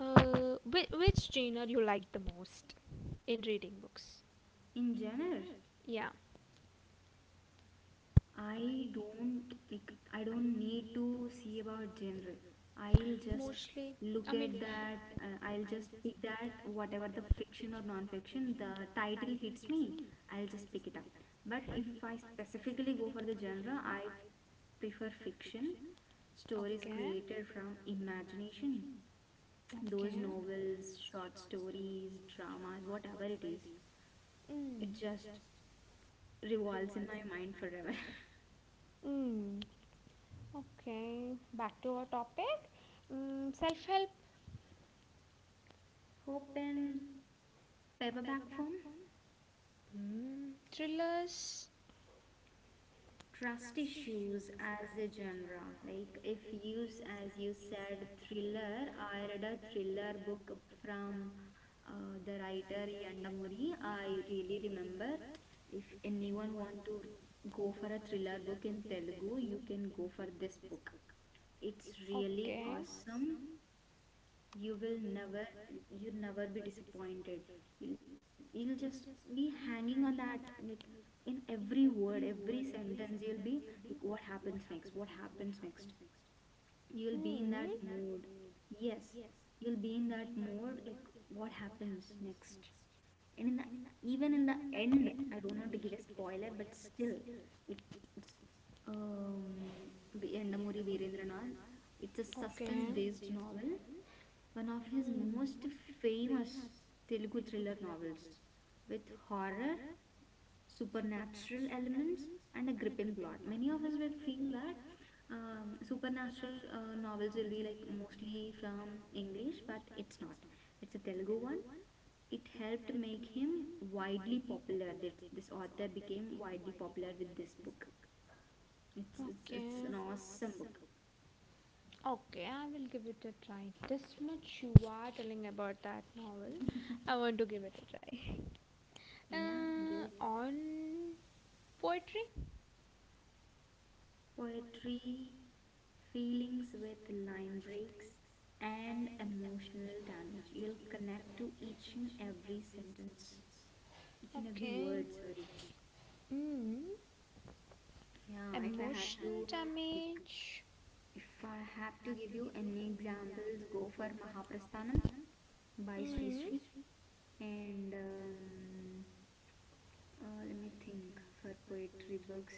Speaker 1: uh, which genre you like the most in reading books?
Speaker 2: In general.
Speaker 1: Yeah,
Speaker 2: I don't need to see about genre. I'll just look at that. I'll just pick that whatever the fiction or non-fiction the title hits me. I'll just pick it up. But if I specifically go for the genre, I prefer fiction, stories created from imagination. Those
Speaker 1: related.
Speaker 2: novels, short stories, dramas, whatever it is, it
Speaker 1: Mm,
Speaker 2: just revolves in my mind forever.
Speaker 1: mm, okay, back to our topic. Mm, self help.
Speaker 2: Hope and paperback form
Speaker 1: Hmm, thrillers?
Speaker 2: trust issues as a genre, like if you, as you said, thriller, I read a thriller book from the writer Yandamuri. I really remember, if anyone want to go for a thriller book in Telugu, you can go for this book. It's really awesome. you will never you'll never be disappointed. You'll just be hanging on that, like in every word, every sentence, you'll be like what happens next, you'll be
Speaker 1: Hmm.
Speaker 2: in that mood. Yes, you'll be in that mood, like what happens next. And in the even in the end, I don't want to give a spoiler, but still, it, it's um V- Endamuri Virendranath. It's a suspense based novel, one of his most famous Telugu thriller novels with horror, supernatural elements, and a gripping plot. Many of us will feel that supernatural novels will be like mostly from English, but it's not. It's a Telugu one. It helped make him widely popular. That this author became widely popular with this book. It's an awesome book.
Speaker 1: Okay, I will give it a try. This much you are telling about that novel, I want to give it a try.
Speaker 2: Yeah, give it.
Speaker 1: On poetry?
Speaker 2: Poetry, feelings with line breaks, and emotional damage. You'll connect to each and every sentence, each and every
Speaker 1: Okay.
Speaker 2: word, sorry.
Speaker 1: Hmm.
Speaker 2: Yeah, if I have to, like,
Speaker 1: Image?
Speaker 2: if I have to give you any examples, go for Mahaprasthanam by Sri Sri. And let me think for poetry books.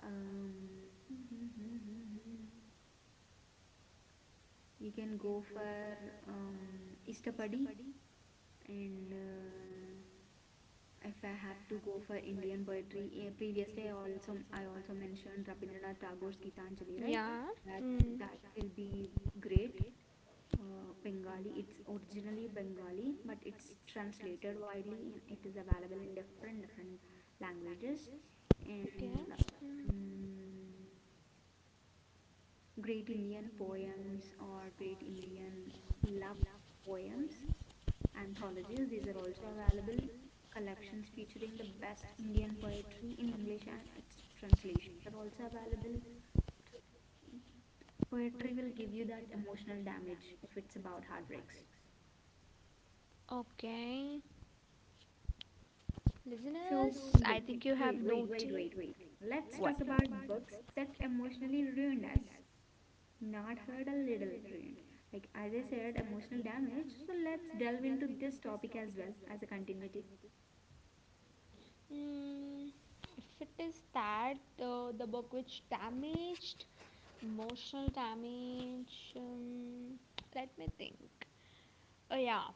Speaker 2: Um, you can go for Istapadi, and if I have to go for Indian poetry, previously I also mentioned Rabindranath Tagore's Gitanjali, right? That
Speaker 1: Huh? Mm,
Speaker 2: that will be great. Bengali, it's originally Bengali, but it's translated widely and it is available in different different languages. And
Speaker 1: hmm.
Speaker 2: mm great Indian poems or great Indian love poems anthologies. These are also available, collections featuring the best Indian poetry in English and its translations are also available. So poetry will give you that emotional damage if it's about heartbreaks.
Speaker 1: Okay.
Speaker 2: So
Speaker 1: Listeners,
Speaker 2: wait, wait, wait, wait, wait, wait. Let's talk about books that emotionally ruined us. Not heard a little rent, like as I said, emotional damage, so let's delve into this topic as well as a continuity.
Speaker 1: mm, if it is that the book which damaged emotional damage, let me think. Oh yeah,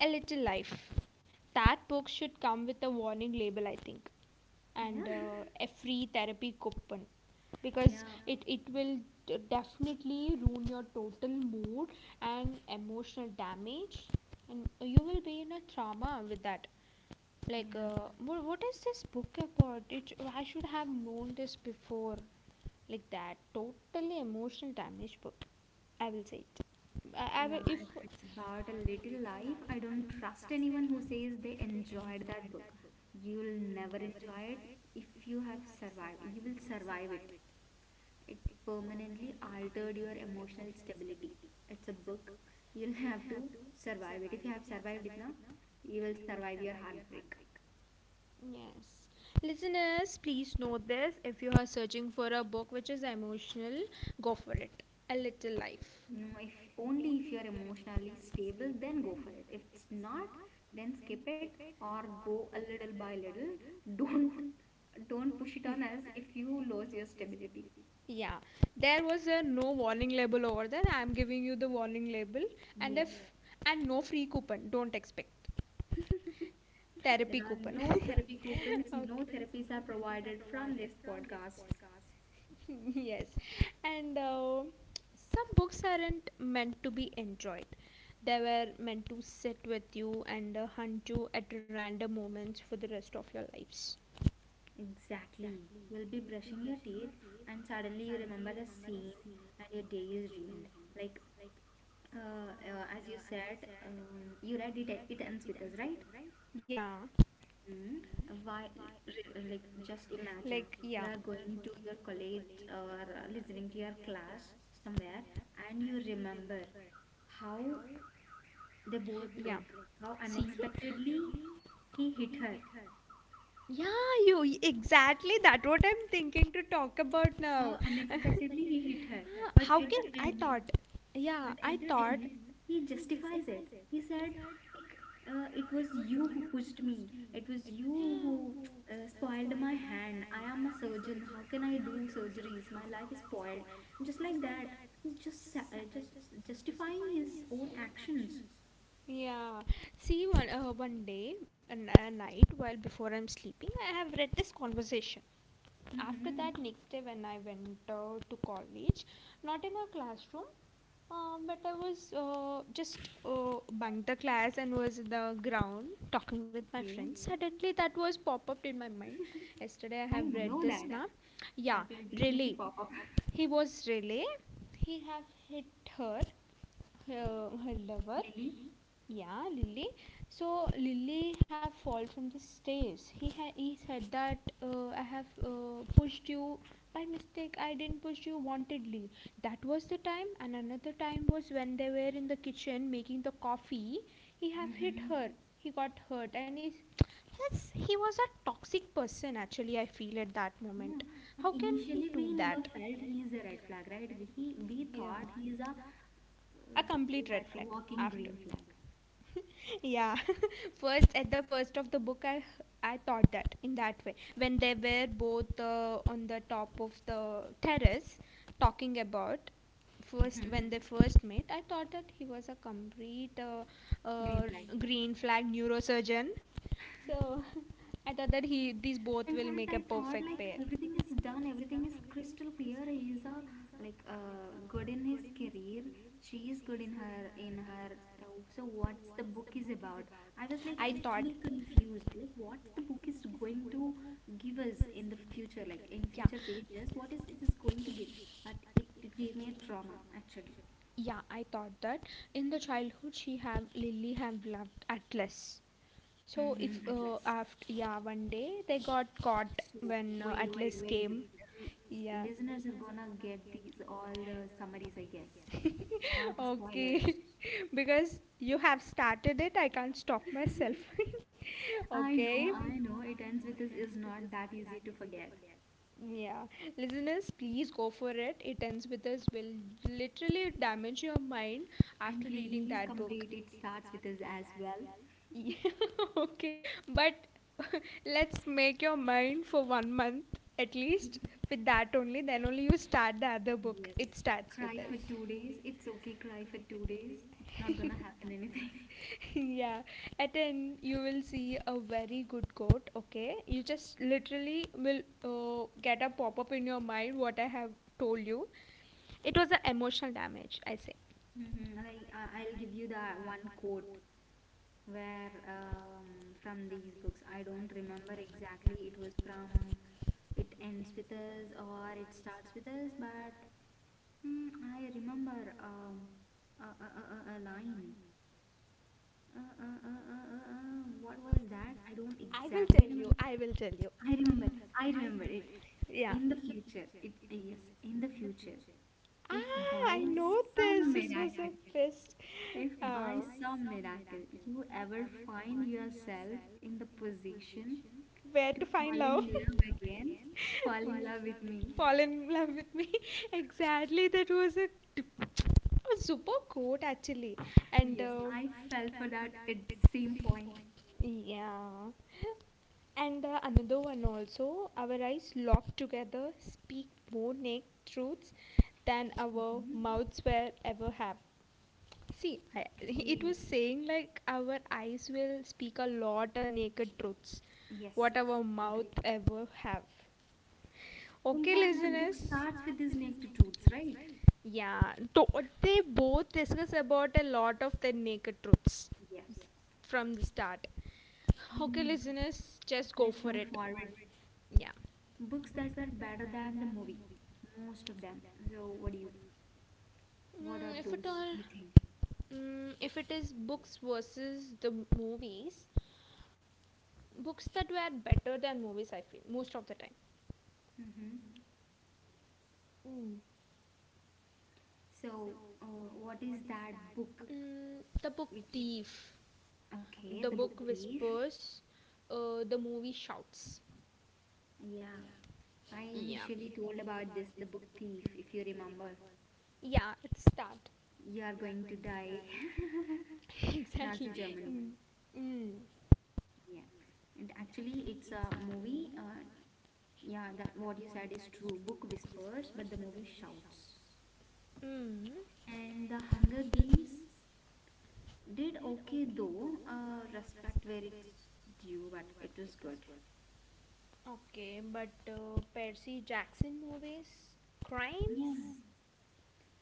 Speaker 1: a little life. That book should come with a warning label I think,
Speaker 2: Yeah.
Speaker 1: and a free therapy coupon, because
Speaker 2: Yeah.
Speaker 1: it will definitely ruin your total mood and emotional damage and you will be in a trauma with that. Like,
Speaker 2: Yeah,
Speaker 1: what is this book about? I should have known this before. Like that, totally emotional damage book. I will say it. I, I
Speaker 2: yeah
Speaker 1: will,
Speaker 2: if it's about A Little Life, I don't trust anyone who says they enjoyed that book. You'll never enjoy it. If you have survived, you will survive it. It permanently altered your emotional stability. It's a book you'll have to survive. It, if you have survived it now, you will survive your heartbreak.
Speaker 1: yes. Listeners, please note this. If you are searching for a book which is emotional, go for it. A Little Life.
Speaker 2: No, if, only if you're emotionally stable, then go for it. If it's not, then skip it, or go a little by little. Don't don't push it on as if you lose your stability.
Speaker 1: Yeah, there was a no warning label over there. I'm giving you the warning label, and
Speaker 2: Yep.
Speaker 1: and no free coupon. Don't expect therapy
Speaker 2: There are
Speaker 1: coupon.
Speaker 2: no therapy coupons, no therapies are provided from this podcast.
Speaker 1: Yes, and some books aren't meant to be enjoyed, they were meant to sit with you and hunt you at random moments for the rest of your lives.
Speaker 2: Exactly. You'll be brushing your teeth and suddenly you remember a scene and your day is ruined. Like, uh, as you said, you read it, It Ends With Us, right?
Speaker 1: Yeah.
Speaker 2: Mm. Why,
Speaker 1: Mhm.
Speaker 2: like, just imagine
Speaker 1: Like,
Speaker 2: you
Speaker 1: yeah,
Speaker 2: are going to your college, or listening to your class somewhere, and you remember how they both,
Speaker 1: yeah,
Speaker 2: like, how
Speaker 1: see,
Speaker 2: unexpectedly he hit her,
Speaker 1: yeah, exactly that what I'm thinking to talk about
Speaker 2: how
Speaker 1: now. How.
Speaker 2: unexpectedly he hit her.
Speaker 1: Ah, us,
Speaker 2: But
Speaker 1: how
Speaker 2: at
Speaker 1: can
Speaker 2: the
Speaker 1: I
Speaker 2: end,
Speaker 1: thought didn't. Yeah,
Speaker 2: But
Speaker 1: I
Speaker 2: at the
Speaker 1: thought.
Speaker 2: end, he justifies it. He said, it was you who pushed me. It was you who spoiled my hand. I am a surgeon. How can I do surgeries? My life is spoiled. Just like that. He's just justifying his own actions.
Speaker 1: Yeah. See, one one day, a night, while before I'm sleeping, I have read this conversation. After
Speaker 2: Mm-hmm.
Speaker 1: next day, when I went to college, not in a classroom, but I was just bunked the class and was in the ground talking with my
Speaker 2: Okay.
Speaker 1: friends. Suddenly, that was pop up in my mind. Yesterday, I
Speaker 2: I
Speaker 1: have,
Speaker 2: know that.
Speaker 1: yeah,
Speaker 2: That will definitely pop up.
Speaker 1: he was really, he have hit her, her lover.
Speaker 2: Lily?
Speaker 1: Yeah, Lily. So Lily have fallen from the stairs. He said that I have pushed you by mistake. I didn't push you wantedly. That was the time, and another time was when they were in the kitchen making the coffee. He have
Speaker 2: Mm-hmm.
Speaker 1: hurt. He got hurt, and he, yes, he was a toxic person. Actually, I feel at that
Speaker 2: Yeah.
Speaker 1: moment.
Speaker 2: But
Speaker 1: How
Speaker 2: initially, we never felt he is a red flag, right? We thought he is a uh,
Speaker 1: c-
Speaker 2: what
Speaker 1: a
Speaker 2: walking green flag.
Speaker 1: Yeah. First, at the first of the book, I thought that in that way when they were both on the top of the terrace talking about first
Speaker 2: Mhm.
Speaker 1: when they first met, I thought that he was a complete
Speaker 2: Green
Speaker 1: uh,
Speaker 2: flag.
Speaker 1: green flag neurosurgeon, so I thought that he, these
Speaker 2: In
Speaker 1: both will
Speaker 2: fact,
Speaker 1: make
Speaker 2: I
Speaker 1: a
Speaker 2: thought
Speaker 1: perfect
Speaker 2: like
Speaker 1: pair.
Speaker 2: everything is done, everything is
Speaker 1: I
Speaker 2: crystal clear. He is a, like, good in his career, she is good in her so what's the book is about. I was like
Speaker 1: thought.
Speaker 2: literally confused, like what the book is going to give us in the future, like in
Speaker 1: Yeah.
Speaker 2: future pages, what is it is going to give. But it gave me a trauma actually.
Speaker 1: Yeah, I thought that in the childhood she have Lily have loved Atlas. So if
Speaker 2: Mhm. At last.
Speaker 1: after yeah one day they got caught
Speaker 2: So
Speaker 1: when Atlas came.
Speaker 2: L-
Speaker 1: Yeah.
Speaker 2: listeners are gonna get these all the summaries, I guess, or the spoilers.
Speaker 1: okay because you have started it I can't stop myself
Speaker 2: I
Speaker 1: okay.
Speaker 2: know, I know. It Ends With Us is not that easy to forget.
Speaker 1: Yeah, listeners, please go for it. It ends with us will literally damage your mind
Speaker 2: And
Speaker 1: after reading
Speaker 2: please
Speaker 1: that book.
Speaker 2: complete It Starts With Us as well.
Speaker 1: Yeah, okay, but let's make your mind for 1 month at least with that only. Then only you start the other book.
Speaker 2: Yes.
Speaker 1: It starts with
Speaker 2: Cry for two days. It's okay. Cry for two days. It's not
Speaker 1: us.
Speaker 2: gonna happen anything.
Speaker 1: yeah, at end you will see a very good quote. Okay, you just literally will get a pop up in your mind what I have told you. It was an emotional damage, I say.
Speaker 2: Mm-hmm. Like I- I'll give you the one quote where, from these books. I don't remember exactly. It was from It Ends With Us or It Starts With Us, but mm, I remember a line. What was that? I don't
Speaker 1: Tell
Speaker 2: exactly
Speaker 1: you.
Speaker 2: remember
Speaker 1: I
Speaker 2: it.
Speaker 1: will tell you.
Speaker 2: I remembered. I remembered it.
Speaker 1: Yeah.
Speaker 2: Yes, in the future, if by
Speaker 1: Ask
Speaker 2: some miracle. If by some miracle you ever find yourself in the position
Speaker 1: where
Speaker 2: to
Speaker 1: to find
Speaker 2: fall in
Speaker 1: love.
Speaker 2: love again,
Speaker 1: Again,
Speaker 2: fall
Speaker 1: fall
Speaker 2: in
Speaker 1: in
Speaker 2: love with
Speaker 1: love with
Speaker 2: me.
Speaker 1: me. Fall in love with me. Exactly. That was a, d- a super quote actually. And
Speaker 2: Yes, I fell for that at the same point.
Speaker 1: yeah. And another one also. Our eyes locked together speak more naked truths than our
Speaker 2: Hmm.
Speaker 1: mouths will ever have. See, I, it
Speaker 2: Okay.
Speaker 1: was saying like our eyes will speak a lot of naked truths, what
Speaker 2: Yes.
Speaker 1: our mouth ever have.
Speaker 2: In
Speaker 1: Okay,
Speaker 2: fact, the book
Speaker 1: listeners.
Speaker 2: starts with these naked truths, right?
Speaker 1: Yeah. They both discuss about a lot of the naked truths
Speaker 2: Yes.
Speaker 1: from the start. Okay,
Speaker 2: Hmm.
Speaker 1: listeners, just go
Speaker 2: Let's
Speaker 1: for
Speaker 2: move
Speaker 1: it.
Speaker 2: forward.
Speaker 1: Yeah.
Speaker 2: Books that were better than the movie, most of them. So, what are
Speaker 1: Mm,
Speaker 2: those, you think?
Speaker 1: if it is books versus the movies, books that were better than movies, I feel most of the time.
Speaker 2: Mm-hmm.
Speaker 1: Mm.
Speaker 2: So, uh, what is that book?
Speaker 1: Mm, the Book
Speaker 2: Which,
Speaker 1: Thief
Speaker 2: okay, The Book Thief.
Speaker 1: was, the movie shouts.
Speaker 2: Yeah, I initially told about this, The Book Thief, if you remember.
Speaker 1: Yeah, it's start.
Speaker 2: You are going to die. Nazi Germany.
Speaker 1: Mm. Mm.
Speaker 2: Yeah, and actually, it's a movie. Yeah, that what you said is true. Book whispers, but the movie shouts.
Speaker 1: Mm.
Speaker 2: And The Hunger Games did okay though. Respect where it's due, but it was good.
Speaker 1: Okay, but Percy Jackson movies? Crime?
Speaker 2: Yeah.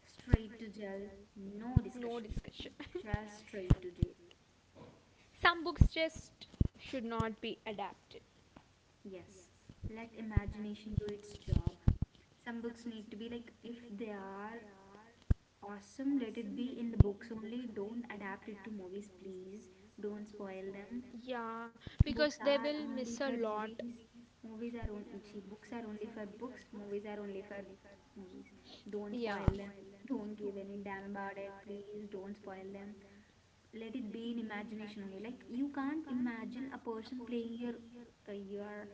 Speaker 2: Straight to jail, no discussion.
Speaker 1: Discussion.
Speaker 2: Just straight to jail.
Speaker 1: Some books just should not be adapted.
Speaker 2: Yes, let imagination do its job. Some books need to be like, if they are awesome, let it be in the books only. Don't adapt it to movies, please. Don't spoil them.
Speaker 1: Yeah, because,
Speaker 2: Books are only for movies. Movies are on. See, books are only for books. Movies are only for movies. Don't
Speaker 1: yeah,
Speaker 2: spoil them. Don't give any damn about it. Please don't spoil them. Let it be in imagination only. Like you can't imagine a person playing your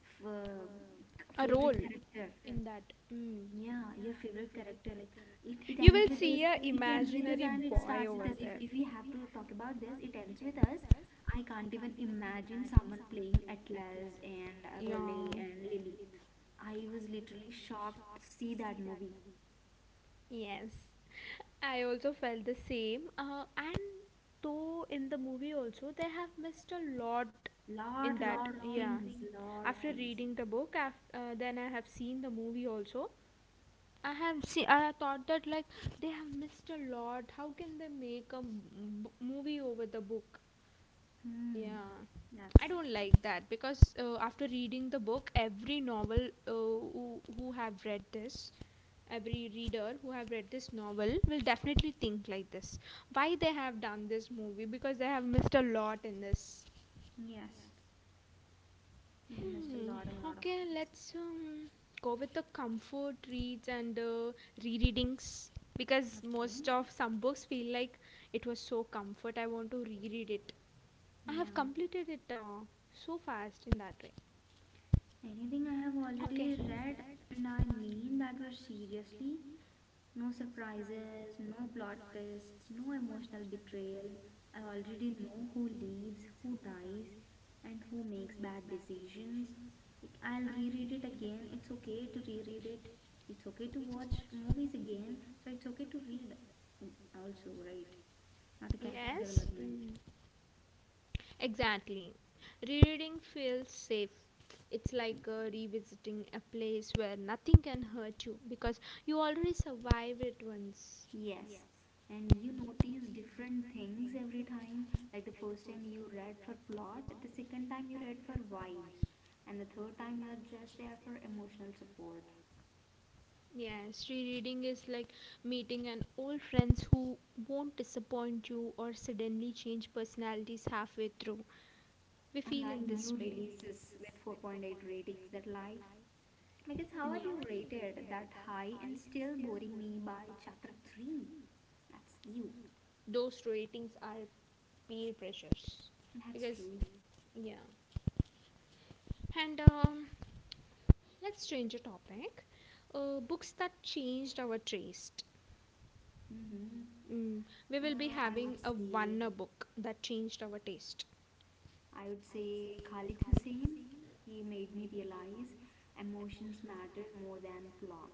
Speaker 2: f- uh,
Speaker 1: a
Speaker 2: favorite
Speaker 1: role
Speaker 2: character.
Speaker 1: that. Mm.
Speaker 2: Yeah, your favorite character. Like It
Speaker 1: You.
Speaker 2: Ends With Us. It Ends With Us, and It Starts With Us. If we have to talk about this, It Ends With Us, I can't even imagine someone playing Atlas and Raleigh and Lily. I was literally shocked to see that movie.
Speaker 1: Yes, I also felt the same. And though in the movie also they have missed a lot
Speaker 2: Lot of things, lot of things.
Speaker 1: reading the book. After then I have seen the movie also. I have seen. I thought that like they have missed a lot. How can they make a movie over the book?
Speaker 2: Hmm,
Speaker 1: I
Speaker 2: that's the
Speaker 1: don't
Speaker 2: thing.
Speaker 1: like that because after reading the book, every novel who have read this, every reader who have read this novel will definitely think like this: why they have done this movie, because they have missed a lot in this.
Speaker 2: Yes, they missed a
Speaker 1: Yeah,
Speaker 2: lot and lot of things.
Speaker 1: let's go with the comfort reads and rereadings, because
Speaker 2: Okay.
Speaker 1: most of some books feel like it was so comfort, I want to reread it. I
Speaker 2: Yeah,
Speaker 1: have completed it, so fast in that way.
Speaker 2: anything I have
Speaker 1: Okay.
Speaker 2: already read, and I mean that were seriously, no surprises, no plot twists, no emotional betrayal. I already know who leaves, who dies, and who makes bad decisions. Like, I'll reread it again. It's okay to reread it. It's okay to watch movies again. So it's okay to read also, right? Not a character
Speaker 1: Yes,
Speaker 2: development.
Speaker 1: mm. Exactly. Rereading feels safe. It's like revisiting a place where nothing can hurt you because you already survived it once.
Speaker 2: Yes, and you notice different things every time. Like the first time you read for plot, the second time you read for vibes, and the third time you are just there for emotional support.
Speaker 1: Yes, rereading is like meeting an old friends who won't disappoint you or suddenly change personalities halfway through. We feel.
Speaker 2: Unlike new releases with 4.8 ratings that lie, like it's how are you rated that high and still boring me by chapter 3? That's you.
Speaker 1: Those ratings are peer pressures,
Speaker 2: That's
Speaker 1: because,
Speaker 2: true.
Speaker 1: yeah. And um, let's change the topic. Books that changed our taste.
Speaker 2: Mm-hmm.
Speaker 1: Mm, we will be
Speaker 2: Uh, I would
Speaker 1: having a one
Speaker 2: say.
Speaker 1: book that changed our taste.
Speaker 2: I would say Khalid Hussein. He made me realize emotions matter more than plot.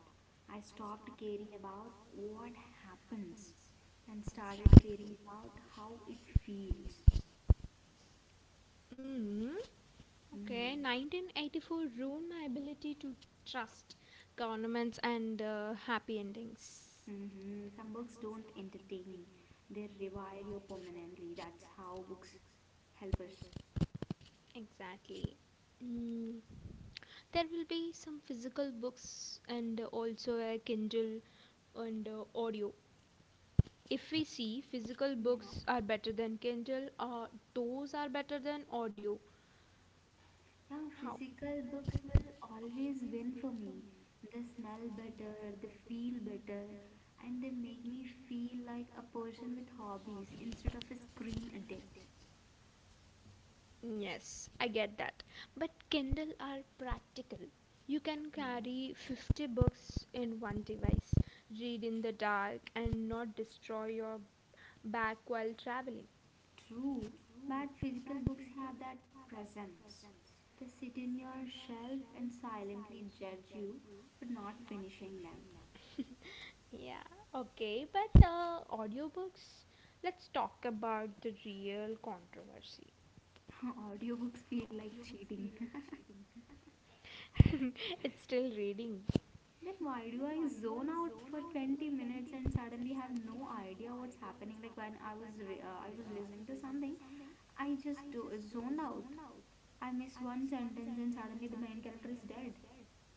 Speaker 2: I stopped caring about what happens and started caring about how it feels.
Speaker 1: Mm, okay,
Speaker 2: Hmm.
Speaker 1: 1984 ruined my ability to trust governments and happy endings.
Speaker 2: Hmm. Some books don't entertain, they rewire you permanently. That's how books help us.
Speaker 1: Exactly. Mm, there will be some physical books and also a Kindle and audio. If we see, physical
Speaker 2: Yeah.
Speaker 1: books are better than Kindle, or those are better than audio.
Speaker 2: Yeah,
Speaker 1: How?
Speaker 2: physical books will always win for me. They smell better, they feel better, and they make me feel like a person with hobbies instead of a screen addict.
Speaker 1: Yes, I get that. But Kindle are practical. You can
Speaker 2: Yeah.
Speaker 1: carry 50 books in one device, read in the dark, and not destroy your back while traveling.
Speaker 2: True, but physical books have that presence. They sit in your shelf and silently judge you for not finishing them.
Speaker 1: Yeah, okay, but audiobooks? Let's talk about the real controversy.
Speaker 2: Audiobooks feel like cheating.
Speaker 1: It's still reading.
Speaker 2: Then why do I zone out for 20 minutes and suddenly have no idea what's happening? Like when I was I was listening to something, I just zoned out. I miss one sentence and suddenly the main character is dead.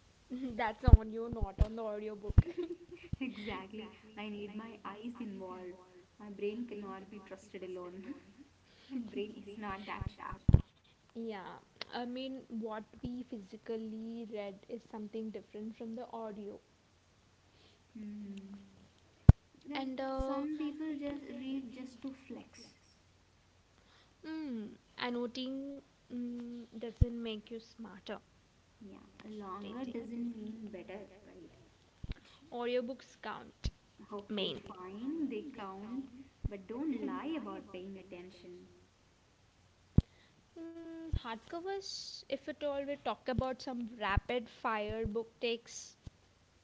Speaker 1: That's on you, not on the audiobook.
Speaker 2: Exactly. I need my eyes involved. My brain cannot be trusted alone. My brain is not that sharp.
Speaker 1: Yeah, I mean, what we physically read is something different from the audio.
Speaker 2: Hmm. That
Speaker 1: And
Speaker 2: some people just read just to flex.
Speaker 1: mm, annotating, doesn't make you smarter.
Speaker 2: Yeah, longer doesn't mean better, right?
Speaker 1: Audiobooks count,
Speaker 2: Okay,
Speaker 1: main.
Speaker 2: fine, they count, but don't lie about paying attention.
Speaker 1: Mm, hardcovers, if at all, we talk about some rapid fire book takes.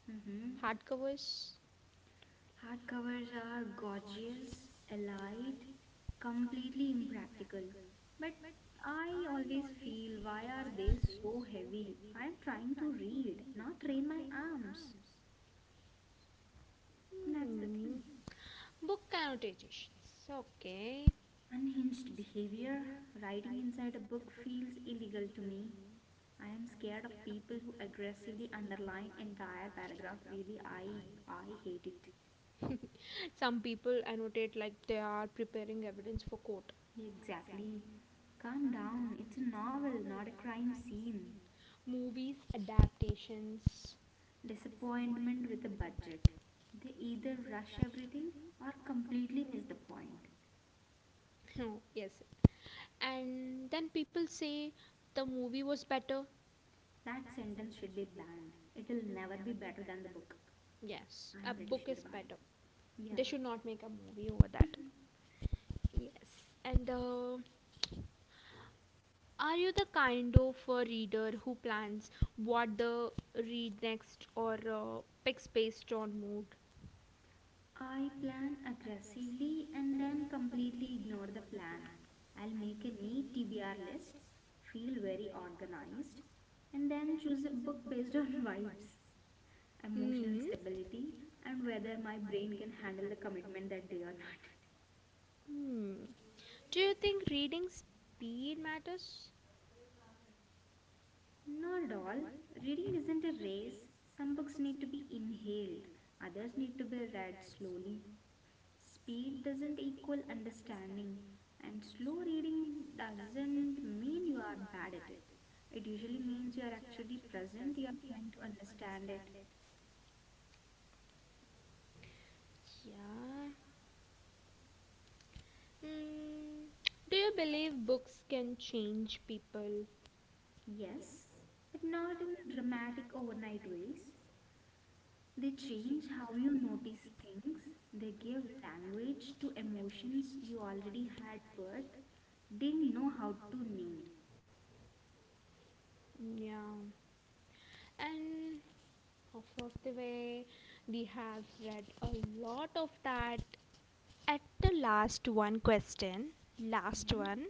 Speaker 2: Mm-hmm.
Speaker 1: Hardcovers,
Speaker 2: Hardcovers are gorgeous, elite, completely impractical. But I always feel, why are they so heavy? I am trying to read, not train my arms. That's
Speaker 1: mm,
Speaker 2: the thing.
Speaker 1: book annotations. Okay.
Speaker 2: Unhinged behavior? Writing inside a book feels illegal to me. I am scared of people who aggressively underline entire paragraph. Really, I hate it.
Speaker 1: Some people annotate like they are preparing evidence for court.
Speaker 2: Exactly. Calm down. It's a novel, not a crime scene.
Speaker 1: Movies, adaptations.
Speaker 2: Disappointment with a budget. They either rush everything or completely miss the point.
Speaker 1: Yes, and then people say the movie was better.
Speaker 2: That sentence should be banned. It'll never be better than the book.
Speaker 1: Yes,
Speaker 2: I'm
Speaker 1: a
Speaker 2: pretty
Speaker 1: book
Speaker 2: sure
Speaker 1: is
Speaker 2: about it.
Speaker 1: better.
Speaker 2: Yeah.
Speaker 1: They should not make a movie over that. Yes, and are you the kind of a reader who plans what the read next, or picks based on mood?
Speaker 2: I plan aggressively and then completely ignore the plan. I'll make a neat TBR list, feel very organized, and then choose a book based on vibes, emotional stability, and whether my brain can handle the commitment that day or not.
Speaker 1: Hmm, do you think reading speed matters?
Speaker 2: Not at all. Reading isn't a race. Some books need to be inhaled, others need to be read slowly. Speed doesn't equal understanding, and slow reading doesn't mean you are bad at it. It usually means you are actually present, you are trying to understand it.
Speaker 1: Yeah. Hmm. Do you believe books can change people?
Speaker 2: Yes, but not in dramatic overnight ways. They change how you notice things, they give language to emotions you already had but didn't know how to name.
Speaker 1: Hmm, yeah. And of Vastivi. We have read a lot of that. At the last one question,
Speaker 2: You
Speaker 1: last
Speaker 2: know?
Speaker 1: one.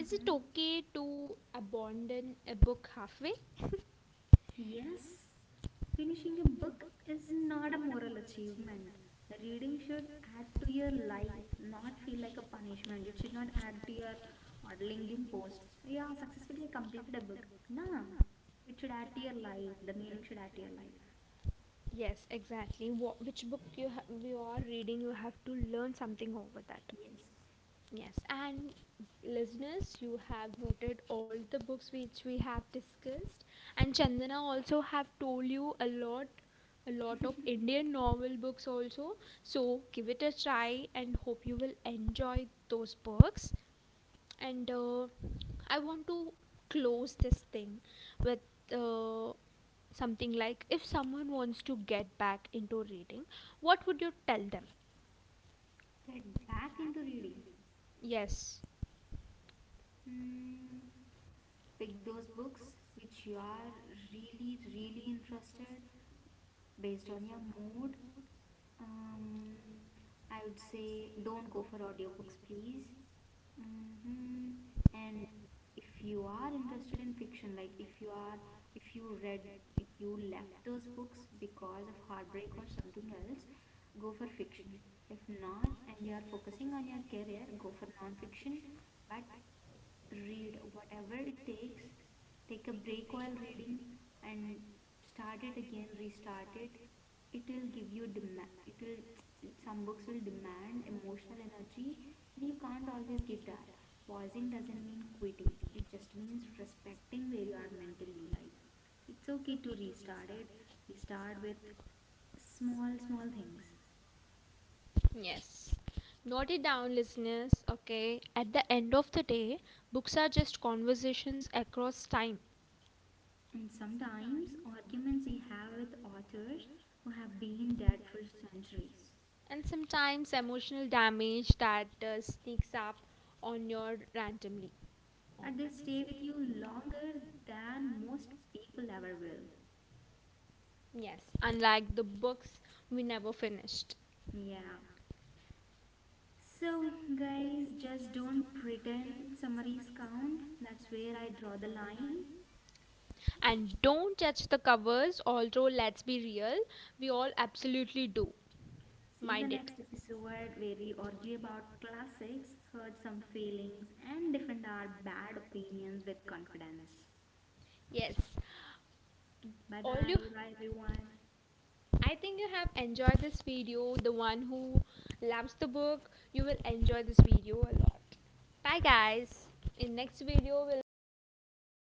Speaker 1: Is it okay to abandon a book halfway?
Speaker 2: Yes, finishing a book is not a moral achievement. Reading should add to your life, not feel like a punishment. It should not add to your or LinkedIn post. Yeah, successfully I completed a book. Nah, it should add to your life. The meaning should add to your life.
Speaker 1: Yes, exactly. Wha which book you you are reading, you have to learn something over that.
Speaker 2: Yes,
Speaker 1: Yes, and listeners, you have noted all the books which we have discussed, and Chandana also have told you a lot of Indian novel books also. So give it a try, and hope you will enjoy those books. And I want to close this thing with uh, something like, if someone wants to get back into reading, what would you tell them?
Speaker 2: get back into reading.
Speaker 1: Yes.
Speaker 2: Hmm, pick those books which you are really, really interested based on your mood. Um, I would say don't go for audiobooks, please. Hmm. And if you are interested in fiction, like if you are, if you read, if you left those books because of heartbreak or something else, go for fiction. If not, and you are focusing on your career, go for non-fiction. But read whatever it takes, take a break while reading, and start it again, restart it. It will give you demand, it will, some books will demand emotional energy, and you can't always give that. Pausing doesn't mean quitting, it just means respecting where you are mentally. Like, it's okay to restart it. Restart with small small things.
Speaker 1: Yes. Note it down, listeners. Okay. At the end of the day, books are just conversations across time,
Speaker 2: And sometimes arguments you have with authors who have been dead for centuries,
Speaker 1: and sometimes emotional damage that sneaks up on your randomly. On.
Speaker 2: and they stay with you longer than most people ever will.
Speaker 1: Yes. Unlike the books we never finished.
Speaker 2: Yeah. So, guys, just don't pretend summaries count. That's where I draw the line.
Speaker 1: And don't judge the covers, although, let's be real, we all absolutely do.
Speaker 2: See you
Speaker 1: My-
Speaker 2: the next episode where we argue about classics, hurt some feelings, and defend our bad opinions with confidence.
Speaker 1: yes.
Speaker 2: Bye bye. Bye, everyone.
Speaker 1: I think you have enjoyed this video. The one who loves the book, you will enjoy this video a lot. Bye guys. In next video we'll find another